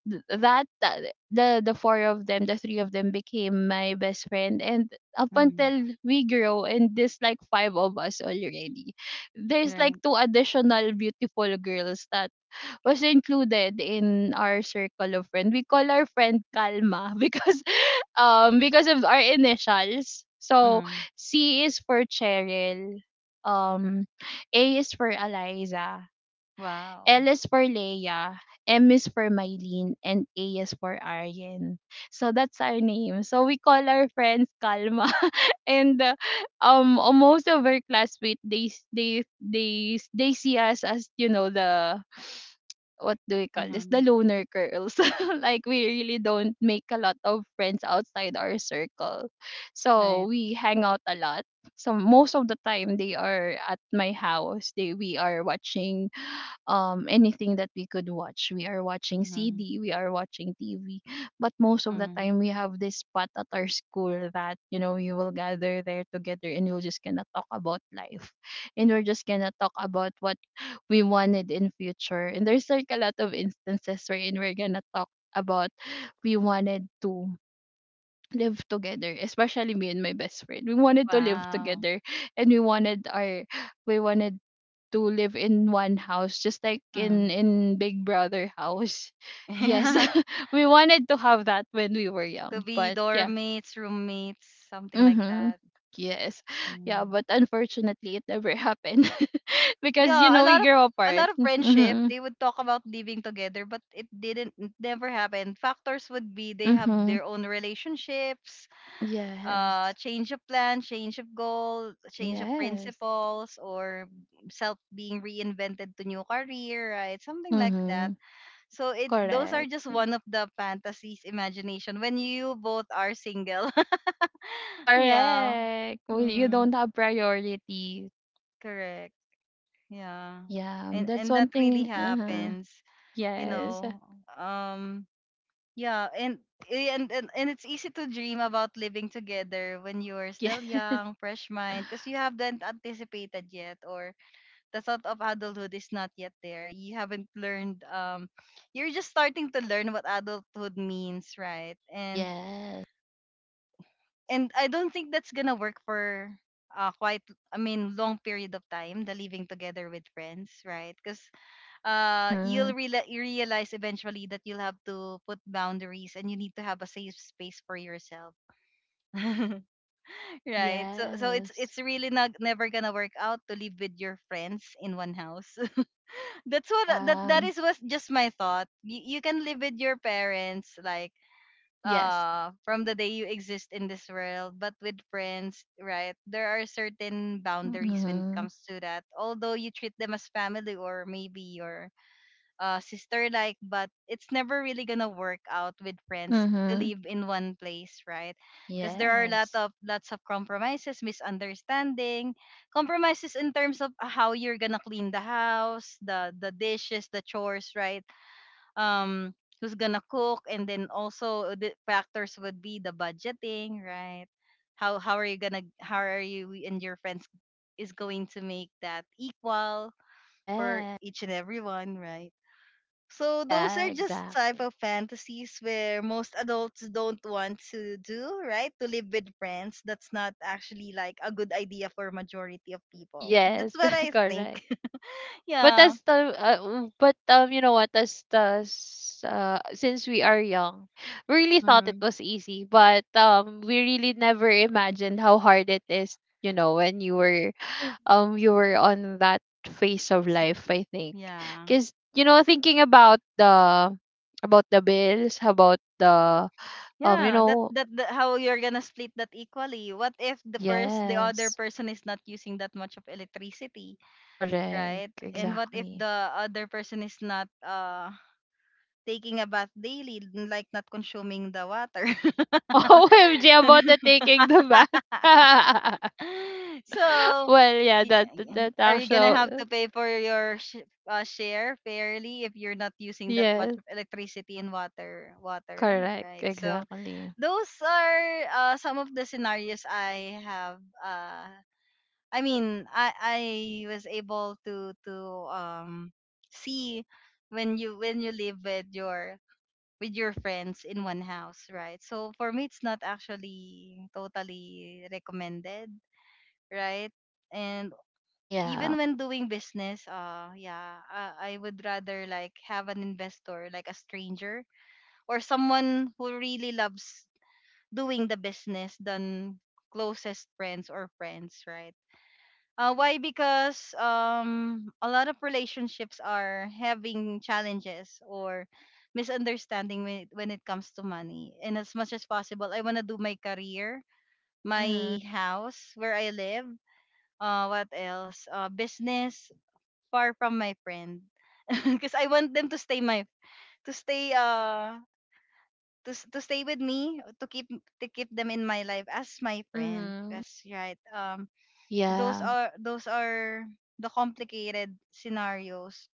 th- that the three of them became my best friend. And up Mhm. until we grow, and there's like five of us already. There's like two additional beautiful girls that was included in our circle of friends. We call our friend Kalma because of our initials. So Right. C is for Cheryl, um A is for Eliza, L Wow. is for Leia, M is for Mylene, and A is for Aryan. So that's our name. So we call our friends Kalma and almost of our classmates, they see us as, you know, the— what do we call this, the Mhm. loner girls, like we really don't make a lot of friends outside our circle. So Right. we hang out a lot. So most of the time they are at my house, they we are watching anything that we could watch. We are watching Mhm. CD, we are watching TV. But most of the Mhm. time we have this spot at our school that, you know, we will gather there together, and we'll just gonna talk about life and we're just gonna talk about what we wanted in future. And there's like a lot of instances wherein we're gonna talk about we wanted to live together, especially me and my best friend. We wanted to live Wow. together, and we wanted to live in one house, just like Mm. in Big Brother house. Yes. Yeah. we wanted to have that when we were To young. be But yeah. dorm mates, roommates, something like Mm-hmm. that. Yes. Yeah, Mm. but unfortunately it never happened. because Yeah, we grow a apart. lot of friendship. Mm-hmm. They would talk about living together, but it didn't it never happened. Factors would be they have Mm-hmm. their own relationships, Yes, change of plan, change of goal, change of yes. principles, or self being reinvented to new career, right? Something like that. Mm-hmm. So it those are Correct. just one of the fantasies imagination when you both are single. Yeah. Correct. Well, you Mm, don't have priority. correct. Yeah. Yeah, And that's and one that really thing. Uh-huh. happens, you Yes. know. Um yeah, and it's easy to dream about living together when you are Yes. still young, fresh mind because you haven't anticipated yet, or the thought of adulthood is not yet there. You haven't learned you're just starting to learn what adulthood means, right? And Yes. and I don't think that's gonna work for quite I mean long period of time, the living together with friends, right? Because Mm-hmm. You realize eventually that you'll have to put boundaries and you need to have a safe space for yourself. Right, so it's Yes. it's really not never gonna work out to live with your friends in one house. That's what Yeah. that is was just my thought. You can live with your parents like Yes. From the day you exist in this world, but with friends, right, there are certain boundaries when it Mm-hmm. comes to that, although you treat them as family or maybe your sister like, but it's never really gonna work out with friends to Mm-hmm. live in one place, right? Because there are a lot Yes. of lots of compromises, misunderstanding, compromises in terms of how you're gonna clean the house, the dishes, the chores, right? um Who's gonna cook? And then also the factors would be the budgeting, right? How are you gonna, how are you and your friends is going to make that equal for Yeah. each and everyone, right? So those Yeah, are just type exactly. of fantasies where most adults don't want to do, right? To live with friends, that's not actually like a good idea for majority of people. Yes, That's what I think. correct. But Yeah. as the uh, but you know what, since we are young, we really thought it Mhm. was easy, but we really never imagined how hard it is. You know when you were on that phase of Si- life, I think, yeah. because you know thinking about the bills, about the um you Yeah, that, know that how you're gonna split that equally. What if the other yes, person is not using that much of electricity, right? correct, And what if exactly. the other person is not taking a bath daily, like not consuming the water? OMG about the taking the bath. So, Well, yeah, that that are you gonna have actually to pay for your share fairly if you're not using that much yes, of electricity and water? Water, correct, right? So, exactly. those are some of the scenarios I have. I was able to um see when you live with your friends in one house, right? So for me, it's not actually totally recommended, right? And Yeah. even when doing business, yeah, I would rather like have an investor, like a stranger, or someone who really loves doing the business than closest friends or friends, right? Why? Because a lot of relationships are having challenges or misunderstanding when when it comes to money. And as much as possible, I want to do my career, Mhm. my house where I live. What else? Business far from my friend, because I want them to stay my to stay uh to stay with me, to keep them in my life as my friend. Mhm. That's right. Those Yeah. are the complicated scenarios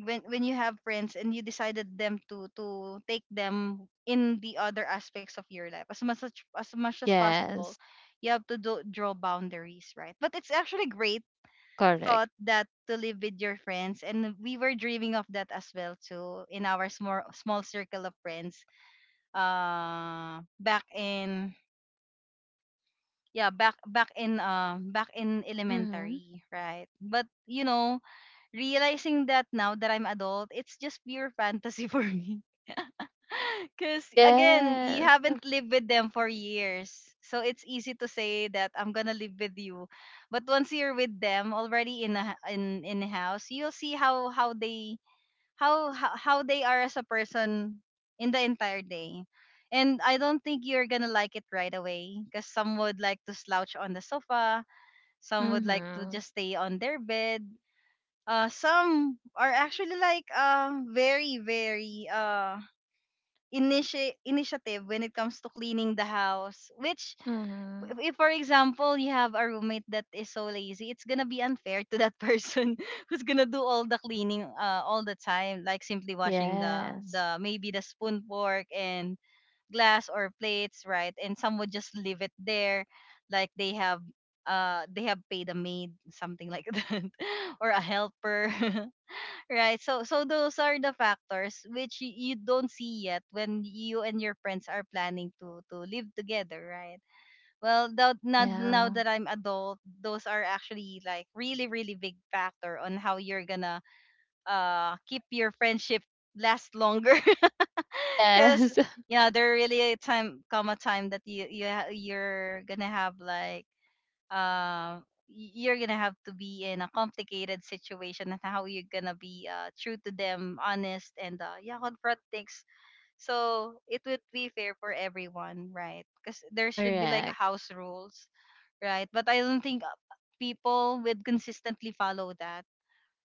when you have friends and you decided them to take them in the other aspects of your life. As much as much as possible, Yes. you have to do, draw boundaries, right? But it's actually great Correct. thought that to live with your friends, and we were dreaming of that as well too in our small circle of friends back in yeah, back in back in Mhm. elementary, right? But you know, realizing that now that I'm adult, it's just pure fantasy for me, because again, you Yes. haven't lived with them for years, so it's easy to say that I'm gonna live with you, but once you're with them already in in a house, you'll see how they are as a person in the entire day. And I don't think you're gonna like it right away, because some would like to slouch on the sofa, some would like to Mhm. just stay on their bed. Some are actually like very initiative when it comes to cleaning the house, which, Mhm. if for example you have a roommate that is so lazy, it's gonna be unfair to that person who's gonna do all the cleaning all the time, like simply washing the Yes. Maybe the spoon, fork, and glass or plates, right? And some would just leave it there like they have paid a maid, something like that, or a helper. Right, so those are the factors which you don't see yet when you and your friends are planning to live together, right? Well, now Yeah. that I'm adult, those are actually like really, really big factor on how you're gonna keep your friendship last longer. Cause Yes. yeah, there really a time come a time that you're gonna have like uh you're gonna have to be in a complicated situation, and how you're gonna be true to them, honest, and yeah, confront things. So it would be fair for everyone, right? Because there should be like correct. house rules, right? But I don't think people would consistently follow that.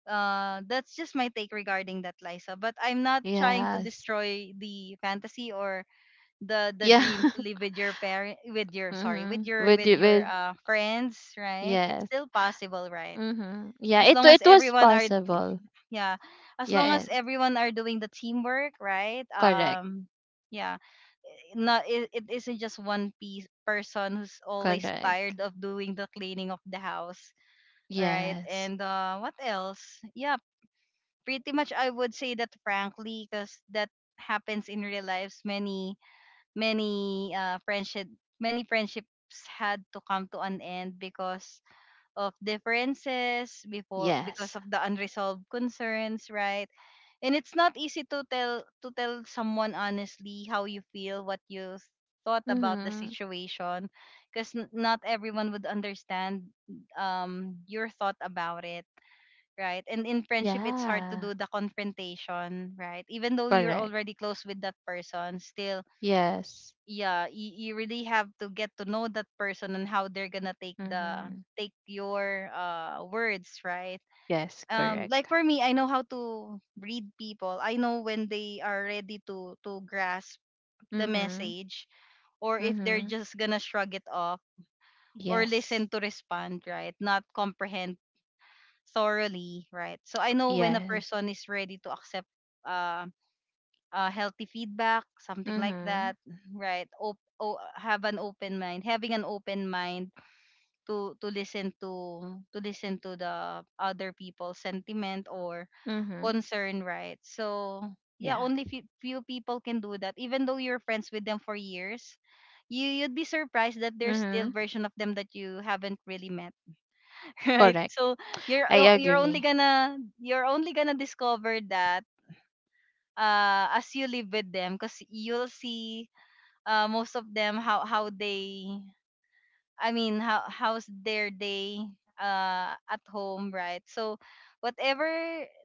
That's just my take regarding that, Liza. But I'm not trying to Yes. destroy the fantasy or the Yeah. dream to live with your parent, with your sorry, mhm. With with you- your with friends, right? It's yes. still possible, right? Mhm. Yeah, As it long as it was everyone are possible. yeah, as long Yeah. as everyone are doing the teamwork, right? Correct. Yeah, not it, it isn't just one piece person who's always tired Correct. of doing the cleaning of the house, all right? Yes. And what else? Yeah, pretty much I would say that frankly, because that happens in real lives. Many, many many friendships had to come to an end because of differences before, because Yes. of the unresolved concerns, right? And it's not easy to tell someone honestly how you feel, what you thought about the Mhm. situation, because not everyone would understand your thought about it, right? And in friendship, it's hard to Yeah. do the confrontation, right? Even though you're Correct. already close with that person, still, Yes. yeah, you really have to get to know that person and how they're gonna take the Mhm. take your words, right? Yes, correct. Like for me, I know how to read people. I know when they are ready to grasp the Mhm. message, or if they're Mhm. just gonna shrug it off, or Yes. listen to respond, right? Not comprehend thoroughly, right? So I know when a Yes. person is ready to accept uh, healthy feedback, something like Mhm. that, right? Op- o- have an open mind, having an open mind to listen to the other people's sentiment or Mhm. concern, right? So yeah, Yeah. only few, few people can do that. Even though you're friends with them for years, you you'd be surprised that there's still Mhm. version of them that you haven't really met. Right? Correct. So you're I agree. You're only gonna discover that as you live with them, because you'll see most of them how they, I mean how how's their day at home, right? So whatever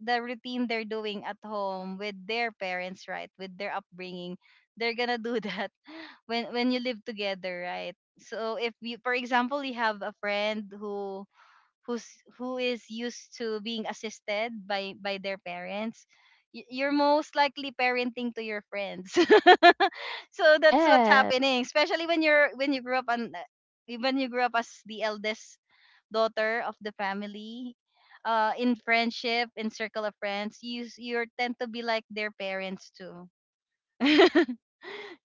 the routine they're doing at home with their parents, right, with their upbringing, they're gonna do that when you live together, right? So if you for example you have a friend who's who is used to being assisted by their parents, you're most likely parenting to your friends. So that's what's Yes. happening, especially when you grew up as the eldest daughter of the family. In circle of friends, you tend to be like their parents too.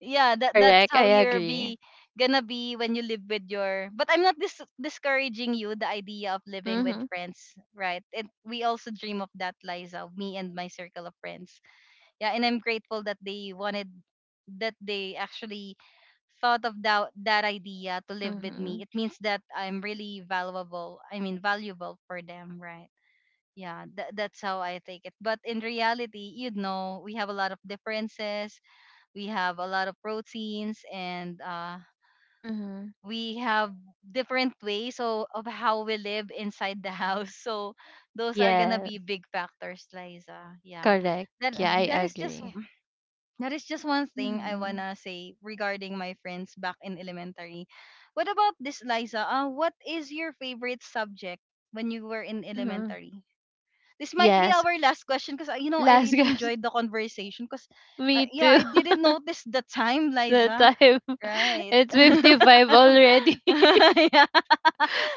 Yeah, that's Correct. how I you're agree. be gonna be when you live with your. But I'm not discouraging you the idea of living with Mhm. friends, right? And we also dream of that, Liza, me and my circle of friends. Yeah, and I'm grateful that they wanted, that they actually thought of that idea to live with me. Mhm. It means that I'm really valuable, I mean valuable for them, right? Yeah, that's how I take it. But in reality, you know, we have a lot of differences, we have a lot of proteins, and Mhm. we have different ways so of how we live inside the house. So those are gonna be Yes. big factors, Liza. Yeah, Correct. that Yeah, I that is just agree. that is just one thing I Mhm. wanna say regarding my friends back in elementary. What about this, Liza? What is your favorite subject when you were in Mhm. elementary? This might be Yes. our last question because you know I Last really guess. enjoyed the conversation because. Me Yeah, too. I didn't notice the time, The Liza. time. Right. It's 55 already. Yeah.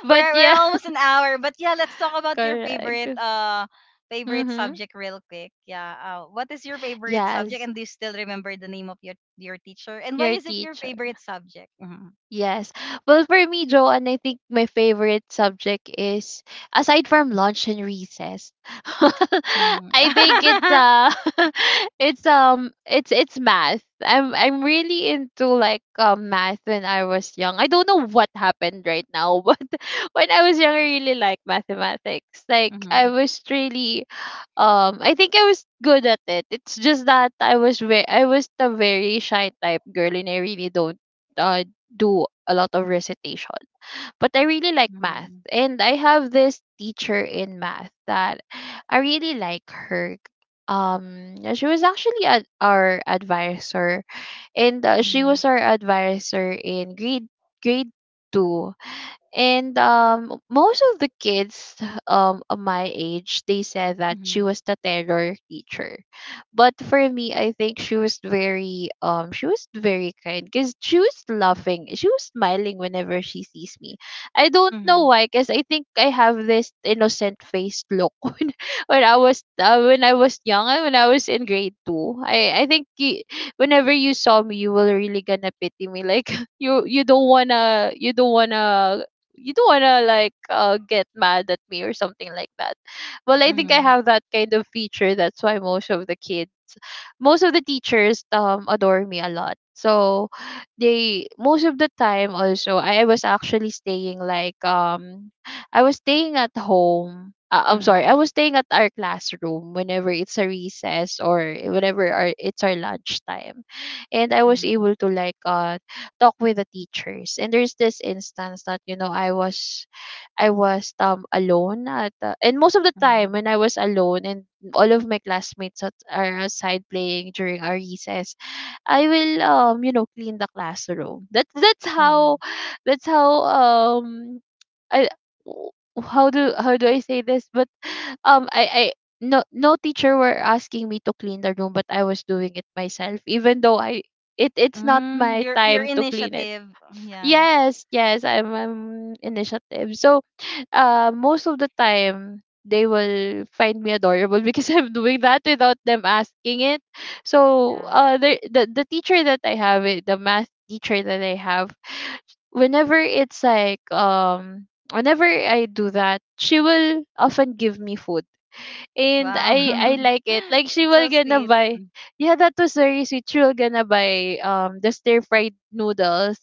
But We're yeah, almost an hour, but yeah, let's talk about your correct. favorite Mm-hmm. subject real quick. Yeah. What is your favorite subject Yes, and do you still remember the name of your teacher and why your is it your teacher. favorite subject? Mhm. Yes. Well, for me, Joanne, I think my favorite subject is aside from lunch and recess. Mhm. I think it's it's math. I'm really into like math when I was young. I don't know what happened right now, but when I was young I really like mathematics. Like I Mhm. was really I think I was good at it. It's just that I was the very shy type girl and I really don't uh do a lot of recitation. But I really like math and I have this teacher in math that I really like her. Yeah, she was actually our advisor and she Mhm. was our advisor in grade 2 and most of the kids of my age, they said that she Mhm. was the terror teacher. But for me, I think she was very she was very kind because she was laughing, she was smiling whenever she sees me. I don't know Mhm. why, because I think I have this innocent faced look when I was young and when I was in grade two. I think whenever you saw me, you were really gonna pity me. Like you don't wanna you don't wanna you don't wanna like get mad at me or something like that. Well, I think I Mhm. have that kind of feature. That's why most of the kids most of the teachers adore me a lot. So they most of the time also I was actually staying like I was staying at home. Mhm. I'm Mhm. Mhm. sorry. I Mhm. was staying at our classroom whenever it's a recess or whenever our, it's our lunchtime. And I was able to like talk with the teachers. And there's this instance that you know I was alone at the, and most of the time Mhm. when I was alone and all of my classmates at, are outside playing during our recess, I will you know clean the classroom. That's how I w- How do how do I say this? But I no teacher were asking me to clean the room, but I was doing it myself, even though I it it's not Mm, my your time to clean it. initiative. Yeah. Yes, yes, I'm initiative. So, most of the time they will find me adorable because I'm doing that without them asking it. So, Yeah. The teacher that I have, the math teacher that I have, whenever it's like whenever I do that, she will often give me food. And Wow. I like it. Like she It's will so gonna sweet. buy, yeah, that was very sweet. She will gonna buy the stir fried noodles,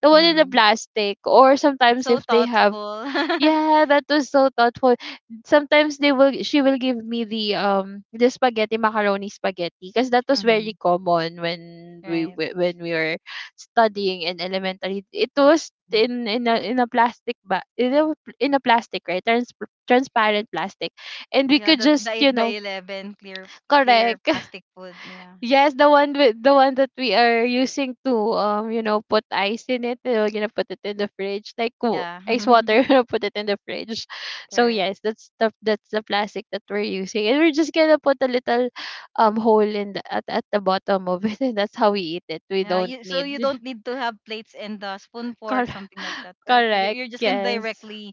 the one in the Mm. plastic, or It's sometimes so if they have thoughtful. yeah, that was so thoughtful. Sometimes they will she will give me the spaghetti macaroni spaghetti because that was very Mhm. common when Right. When we were studying in elementary. It was Mm. in in a plastic bag in in a plastic right transparent plastic, and we Yeah, could the just 8 you by know 11 clear correct plastic food. Yeah. Yes, the one with the one that we are using to you know, put ice in it. We're gonna put it in the fridge, like Yeah. ice water. We're put it in the fridge. So Correct. yes, that's the plastic that we're using, and we're just gonna put a little hole in the at the bottom of it, and that's how we eat it. We Yeah, don't so you need don't need to have plates and the spoon fork cor- something like that, right? You, correct. you're just gonna Yes, directly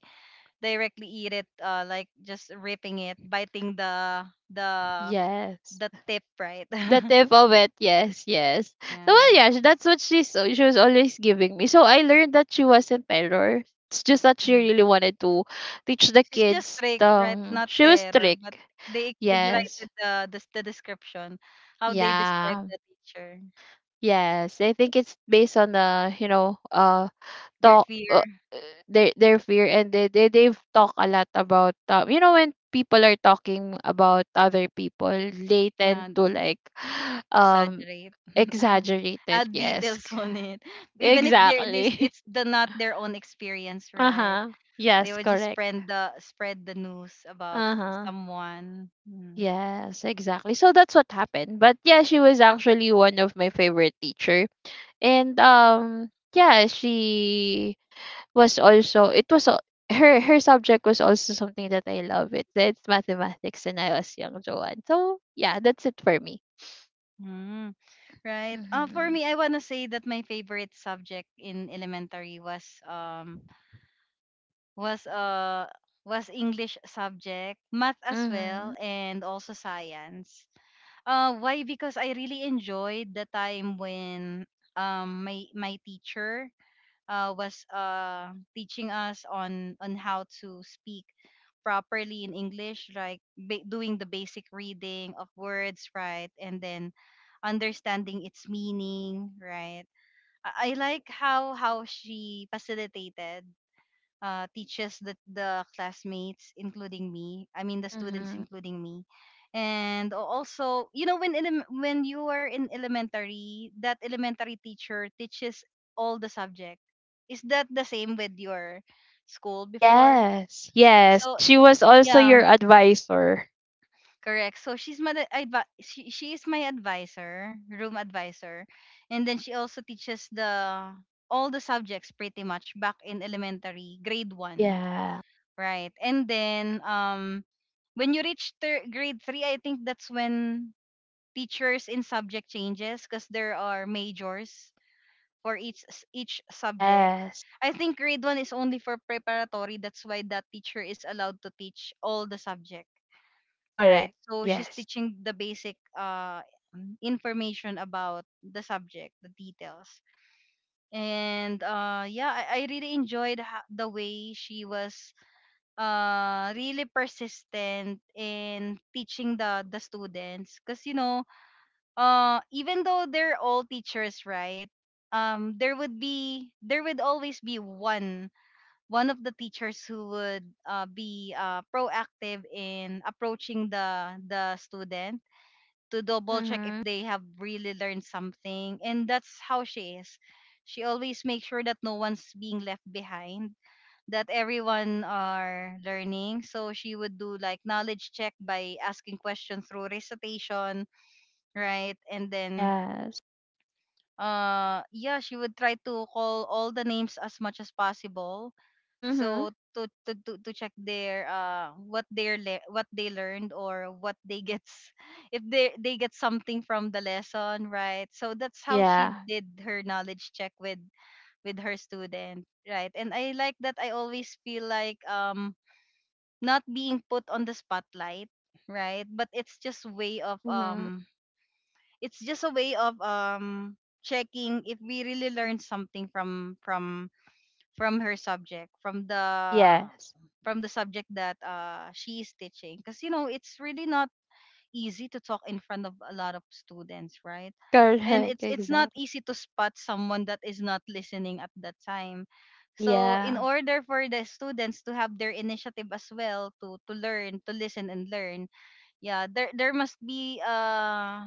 directly eat it, like just ripping it, biting the yes. the tip, right? The tip of it, yes, yes. So Yeah. well, yeah, sh- that's what she's so she was always giving me. So I learned that she wasn't terror. It's just that she really wanted to teach the It's just kids. trick, right? Not She was terror, but strict. they Yes, exaggerated the description, how they describe yeah, the teacher, yes. I think it's based on the you know their talk fear. Their fear and they've talked a lot about you know when people are talking about other people they Yeah, tend to like um exaggerate. exaggerated, Add yes. details on it, even if there this Exactly. it's the not their own experience, right? Uh-huh. They Yes, would just correct. spread the news about Uh-huh. someone. Mm. Yes, exactly. So that's what happened. But yeah, she was actually one of my favorite teacher. And yeah, she was also her her subject was also something that I love. It it's mathematics and I was young, Joanne. So yeah, that's it for me. Mm, right. For Mhm. me, I wanna say that my favorite subject in elementary was uh was English subject, math as well, Mhm. and also science. Why? Because I really enjoyed the time when my teacher was teaching us on how to speak properly in English, like doing the basic reading of words, right, and then understanding its meaning, right. I like how she facilitated, teaches the classmates, including me. I mean, the students, Mhm. including me. And also, you know, when when you are in elementary, that elementary teacher teaches all the subject. Is that the same with your school before? Yes. Yes. So She was also yeah, your advisor. correct. So she's my she is my advisor, room advisor, and then she also teaches the all the subjects pretty much back in elementary grade 1. Yeah. Right. And then when you reach grade 3, I think that's when teachers in subject changes because there are majors for each each subject. Yes. I think grade 1 is only for preparatory. That's why that teacher is allowed to teach all the subject, right? Correct. So she's Yes. teaching the basic information about the subject, the details. And yeah, I really enjoyed the way she was really persistent in teaching the students because you know even though they're all teachers, right? There would always be one of the teachers who would be proactive in approaching the student to double check if Mhm. they have really learned something, and that's how she is. She always makes sure that no one's being left behind, that everyone are learning. So she would do like knowledge check by asking questions through recitation, right? And then Yes. Yeah, she would try to call all the names as much as possible. Mhm. So to check their, what they're what they learned or what they gets if they get something from the lesson, right? So that's how she Yeah. did her knowledge check with her student, right? And I like that I always feel like not being put on the spotlight, right? But it's just way of Mhm. It's just a way of checking if we really learned something from her subject, from the Yes. from the subject that she is teaching, because you know it's really not easy to talk in front of a lot of students, right? And it's Correct. it's not Exactly. easy to spot someone that is not listening at that time, so in Yeah. order for the students to have their initiative as well to learn to listen and learn, yeah, there must be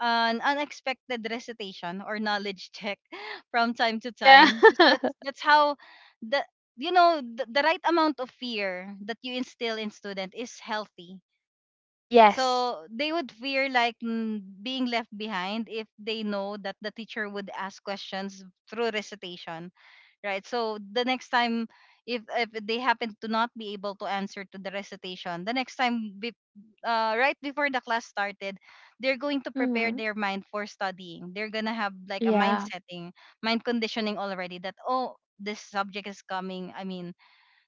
an unexpected recitation or knowledge check from time to Yeah. time. 'Cause that's that's how the, the right amount of fear that you instill in student is healthy, Yes. so they would fear like being left behind if they know that the teacher would ask questions through recitation, right? So the next time, if they happen to not be able to answer to the recitation, the next time right before the class started, they're going to prepare Mhm. their mind for studying. They're going to have like a mind Yeah. setting, mind conditioning already that, oh, this subject is coming. I mean,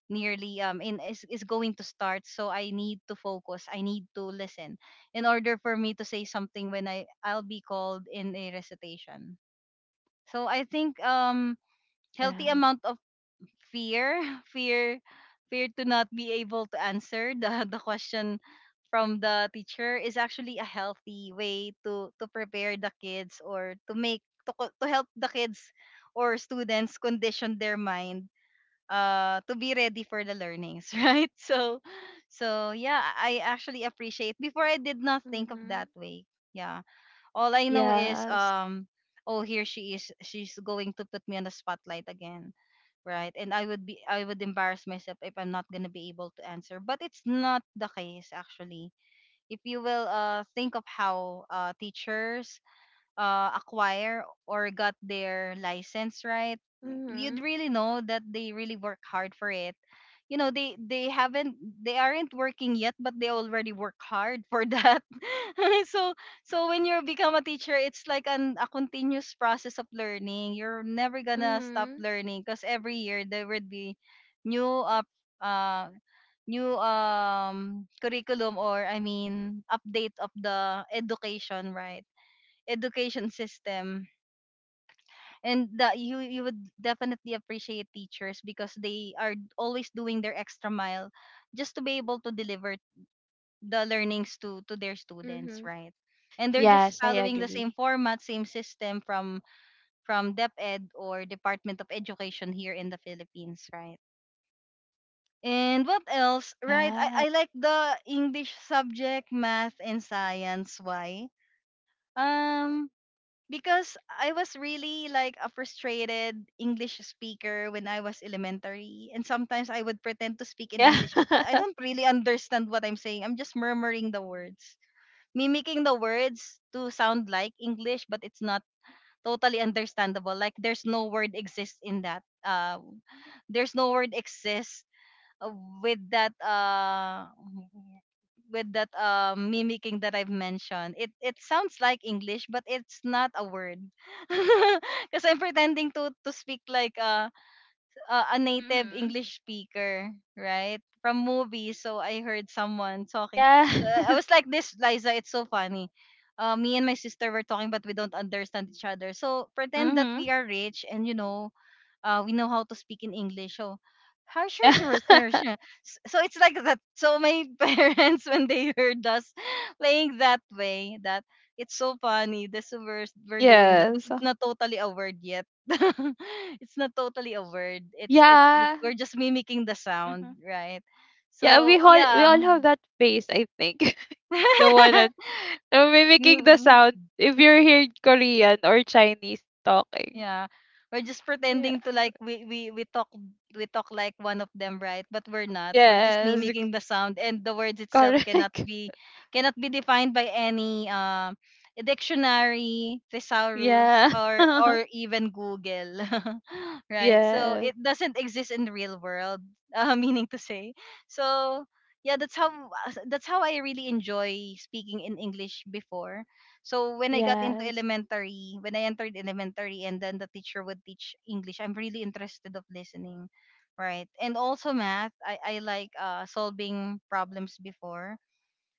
nearly is going to start, so I need to focus, I need to listen in order for me to say something when I'll be called in a recitation. So I think healthy Yeah. amount of fear fear fear to not be able to answer the the question from the teacher is actually a healthy way to prepare the kids or to make to, co- to help the kids or students condition their mind, to be ready for the learnings right, so so yeah, I actually appreciate. Before, I did not think of Mhm. that way, yeah. All I know is Yes. Oh, here she is, she's going to put me on the spotlight again, right, and I would embarrass myself if I'm not going to be able to answer. But it's not the case actually. If you will think of how teachers acquire or got their license, right, you'd Mhm. really know that they really work hard for it. You know, they aren't working yet, but they already work hard for that. so so when you become a teacher, it's like an a continuous process of learning. You're never gonna stop Mhm. learning because every year there would be new uh curriculum or I mean update of the education, right? Education system, and that you would definitely appreciate teachers because they are always doing their extra mile just to be able to deliver the learnings to their students, Mhm. right? And they're just Yes, I following the same agree. format, same system from DepEd or Department of Education here in the Philippines, right? And what else? Right, Yeah. I like the English subject, math, and science. Why? um because I was really like a frustrated English speaker when I was elementary. And sometimes I would pretend to speak in Yeah. English, but I don't really understand what I'm saying. I'm just murmuring the words, mimicking the words to sound like English, but it's not totally understandable. Like there's no word exists in that. There's no word exists uh, with that mimicking that I've mentioned. It sounds like English, but it's not a word. Because I'm pretending to speak like a native mhm. English speaker, right? From movies. So I heard someone talking. So I Yes. was like this, Liza, it's so funny. Me and my sister were talking, but we don't understand each other. So pretend that we Mhm. are rich and, we know how to speak in English. So, how sure, Yeah. sure, sure, sure. So it's like that. So my parents, when they heard us playing that way, that it's so funny. This we're doing that, but Yes. it's not totally a word yet. It's not totally a word. It's it's th- Yeah. we're just mimicking the sound, Mhm. right? Yeah, So we all yeah. have that face, I think. The one that mimicking the Mim- sound if you're hearing Korean or Chinese talking. Yeah. We're just Yeah. pretending to like we talk like one of them, right? But we're not. We're just Yes. mimicking the sound, and the words itself cannot Correct. be cannot be defined by any dictionary, thesaurus, Yeah. or even Google. Right? So yes. it doesn't exist in the real world, meaning to say. So yeah, that's how I really enjoy speaking in English before. So when I got into Yes. elementary, when I entered elementary and then the teacher would teach English, I'm really interested of listening, right? And also math, I like solving problems before.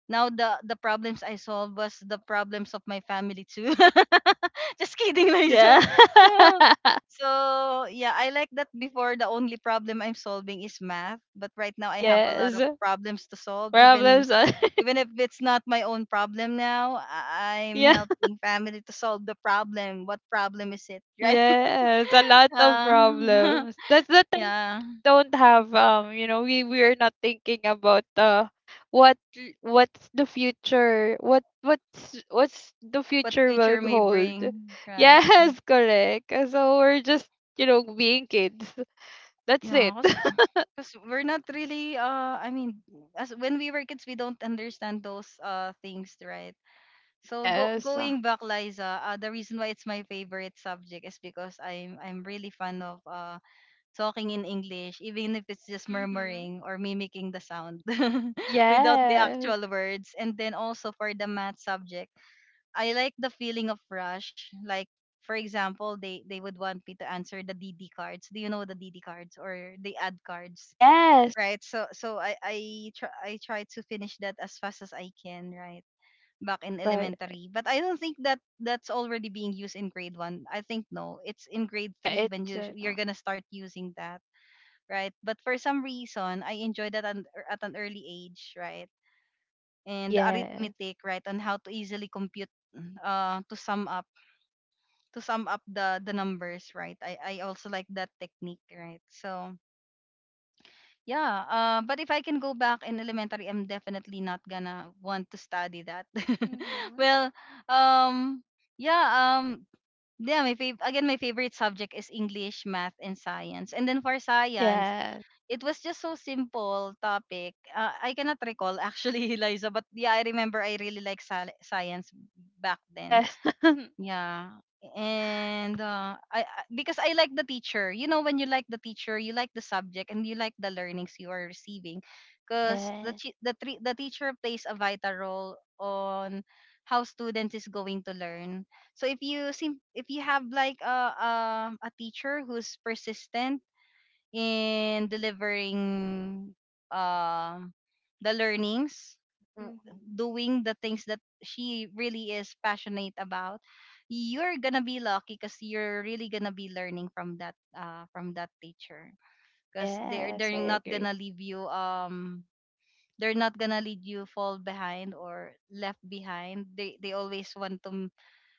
Now the problems I solved was the problems of my family too. Just kidding, Liza. Yeah. So so yeah, I like that before. The only problem I'm solving is math, but right now I have a lot yes. of problems to solve, even Problems. Even if it's not my own problem. Now I'm yeah. helping family to solve the problem. What problem is it? Right. Yes, a lot of uh, problems. That's the time yeah, we don't have you know, we are not thinking about what's the future, what's the what future will future may hold. bring, right? Yes, correct. So we're just, you know, being kids. That's it. Yeah, because we're not really as when we were kids we don't understand those things, right? So Yes. going back, Liza, the reason why it's my favorite subject is because I'm really fond of talking in English, even if it's just Mm-hmm. murmuring or mimicking the sound. Without the Yes. actual words. And then also for the math subject, I like the feeling of rush. Like, for example, they would want me to answer the D D cards. Do you know the D D cards or the ad cards? Yes. Right. So so I try, I try to finish that as fast as I can, right? Back in Correct. elementary. But I don't think that that's already being used in grade 1. I think no, it's in grade Yeah, 3 when it's you're not. going to start using that, right? But for some reason, I enjoyed that at an early age, right? And the Yes. arithmetic, right, on how to easily compute, mm, uh, to sum up, to sum up the numbers, right? I also like that technique, right? So yeah, but if I can go back in elementary, I'm definitely not gonna want to study that. Mm-hmm. well, um, yeah, um, yeah, again, my favorite subject is English, math, and science. And then for science, Yes. it was just so simple topic. I cannot recall actually, Liza, but yeah, I remember I really like science back then. Yes. Yeah. And because I like the teacher. You know, when you like the teacher, you like the subject and you like the learnings you are receiving, because the yes. chi- the tre- the teacher plays a vital role on how student is going to learn. So if you seem, if you have like a teacher who's persistent in delivering uh, the learnings, w- Mhm. doing the things that she really is passionate about, you're gonna be lucky because you're really gonna be learning from that teacher. Because they're Yes, they're I not agree. gonna leave you they're not gonna lead you fall behind or left behind. They always want to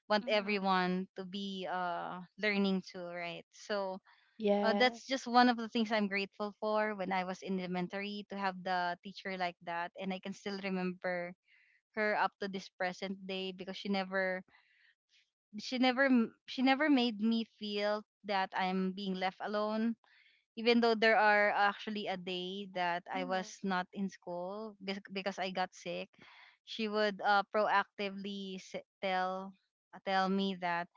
want Mhm. everyone to be learning too, right? So Yeah. that's just one of the things I'm grateful for when I was in elementary, to have the teacher like that. And I can still remember her up to this present day because she never, she never she never made me feel that I'm being left alone, even though there are actually a day that I Mhm. was not in school because I got sick. She would proactively tell, tell me that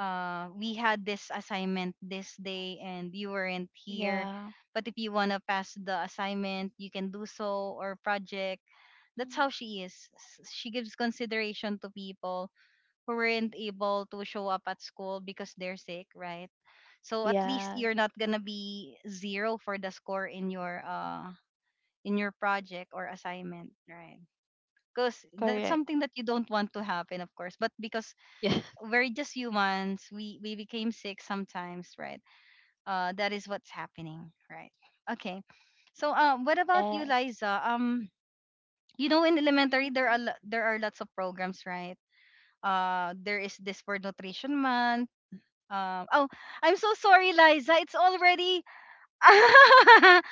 we had this assignment this day and you weren't here. Yeah. But if you want to pass the assignment, you can do so, or project. That's Mhm. how she is. She gives consideration to people who weren't able to show up at school because they're sick, right? So at least Yeah. you're not gonna be zero for the score in your project or assignment, right? Because that's Correct. something that you don't want to happen, of course. But because Yeah. we're just humans. We became sick sometimes, right? That is what's happening, right? Okay. So, what about you, Yes. Liza? You know, in elementary there Mhm. are there are lots of programs, right? There is this for nutrition month. Oh, I'm so sorry, Liza. It's already.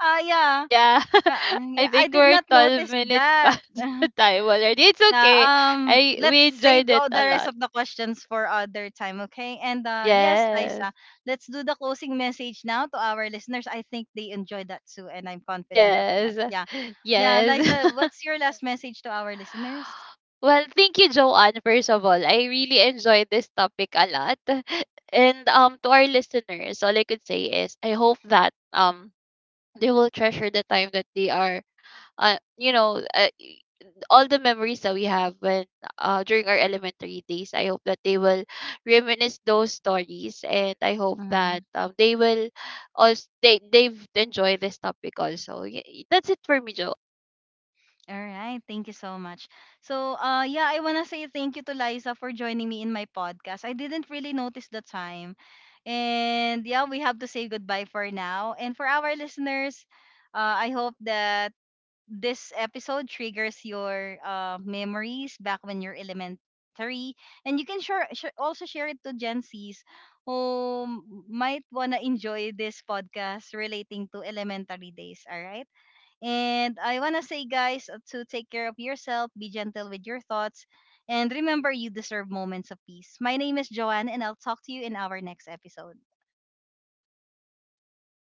Ah, yeah. Yeah. I yeah, I think did we're not 12 notice minutes that. past the time already. It's Yeah, okay. I we let's enjoyed save it all the a rest lot. of the questions for other time, okay? And yes, Yes. Liza, let's do the closing message now to our listeners. I think they enjoy that too, and I'm confident of that. Yes. Yeah, yeah, Yes. Liza, what's your last message to our listeners? Well, thank you, Joanne, first of all. I really enjoyed this topic a lot. And to our listeners, all I could say is I hope that they will treasure the time that they are uh you know uh, y- all the memories that we have when during our elementary days. I hope that they will reminisce those stories and I hope Mm-hmm. that they will also they've enjoyed this topic also. That's it for me, Joe. All right, thank you so much. So, yeah, I wanna say thank you to Liza for joining me in my podcast. I didn't really notice the time, and yeah, we have to say goodbye for now. And for our listeners, I hope that this episode triggers your memories back when you're elementary, and you can share, share also share it to gen z's who might want to enjoy this podcast relating to elementary days. All right, and I want to say guys, to take care of yourself, be gentle with your thoughts, and remember you deserve moments of peace. My name is Joanne and I'll talk to you in our next episode.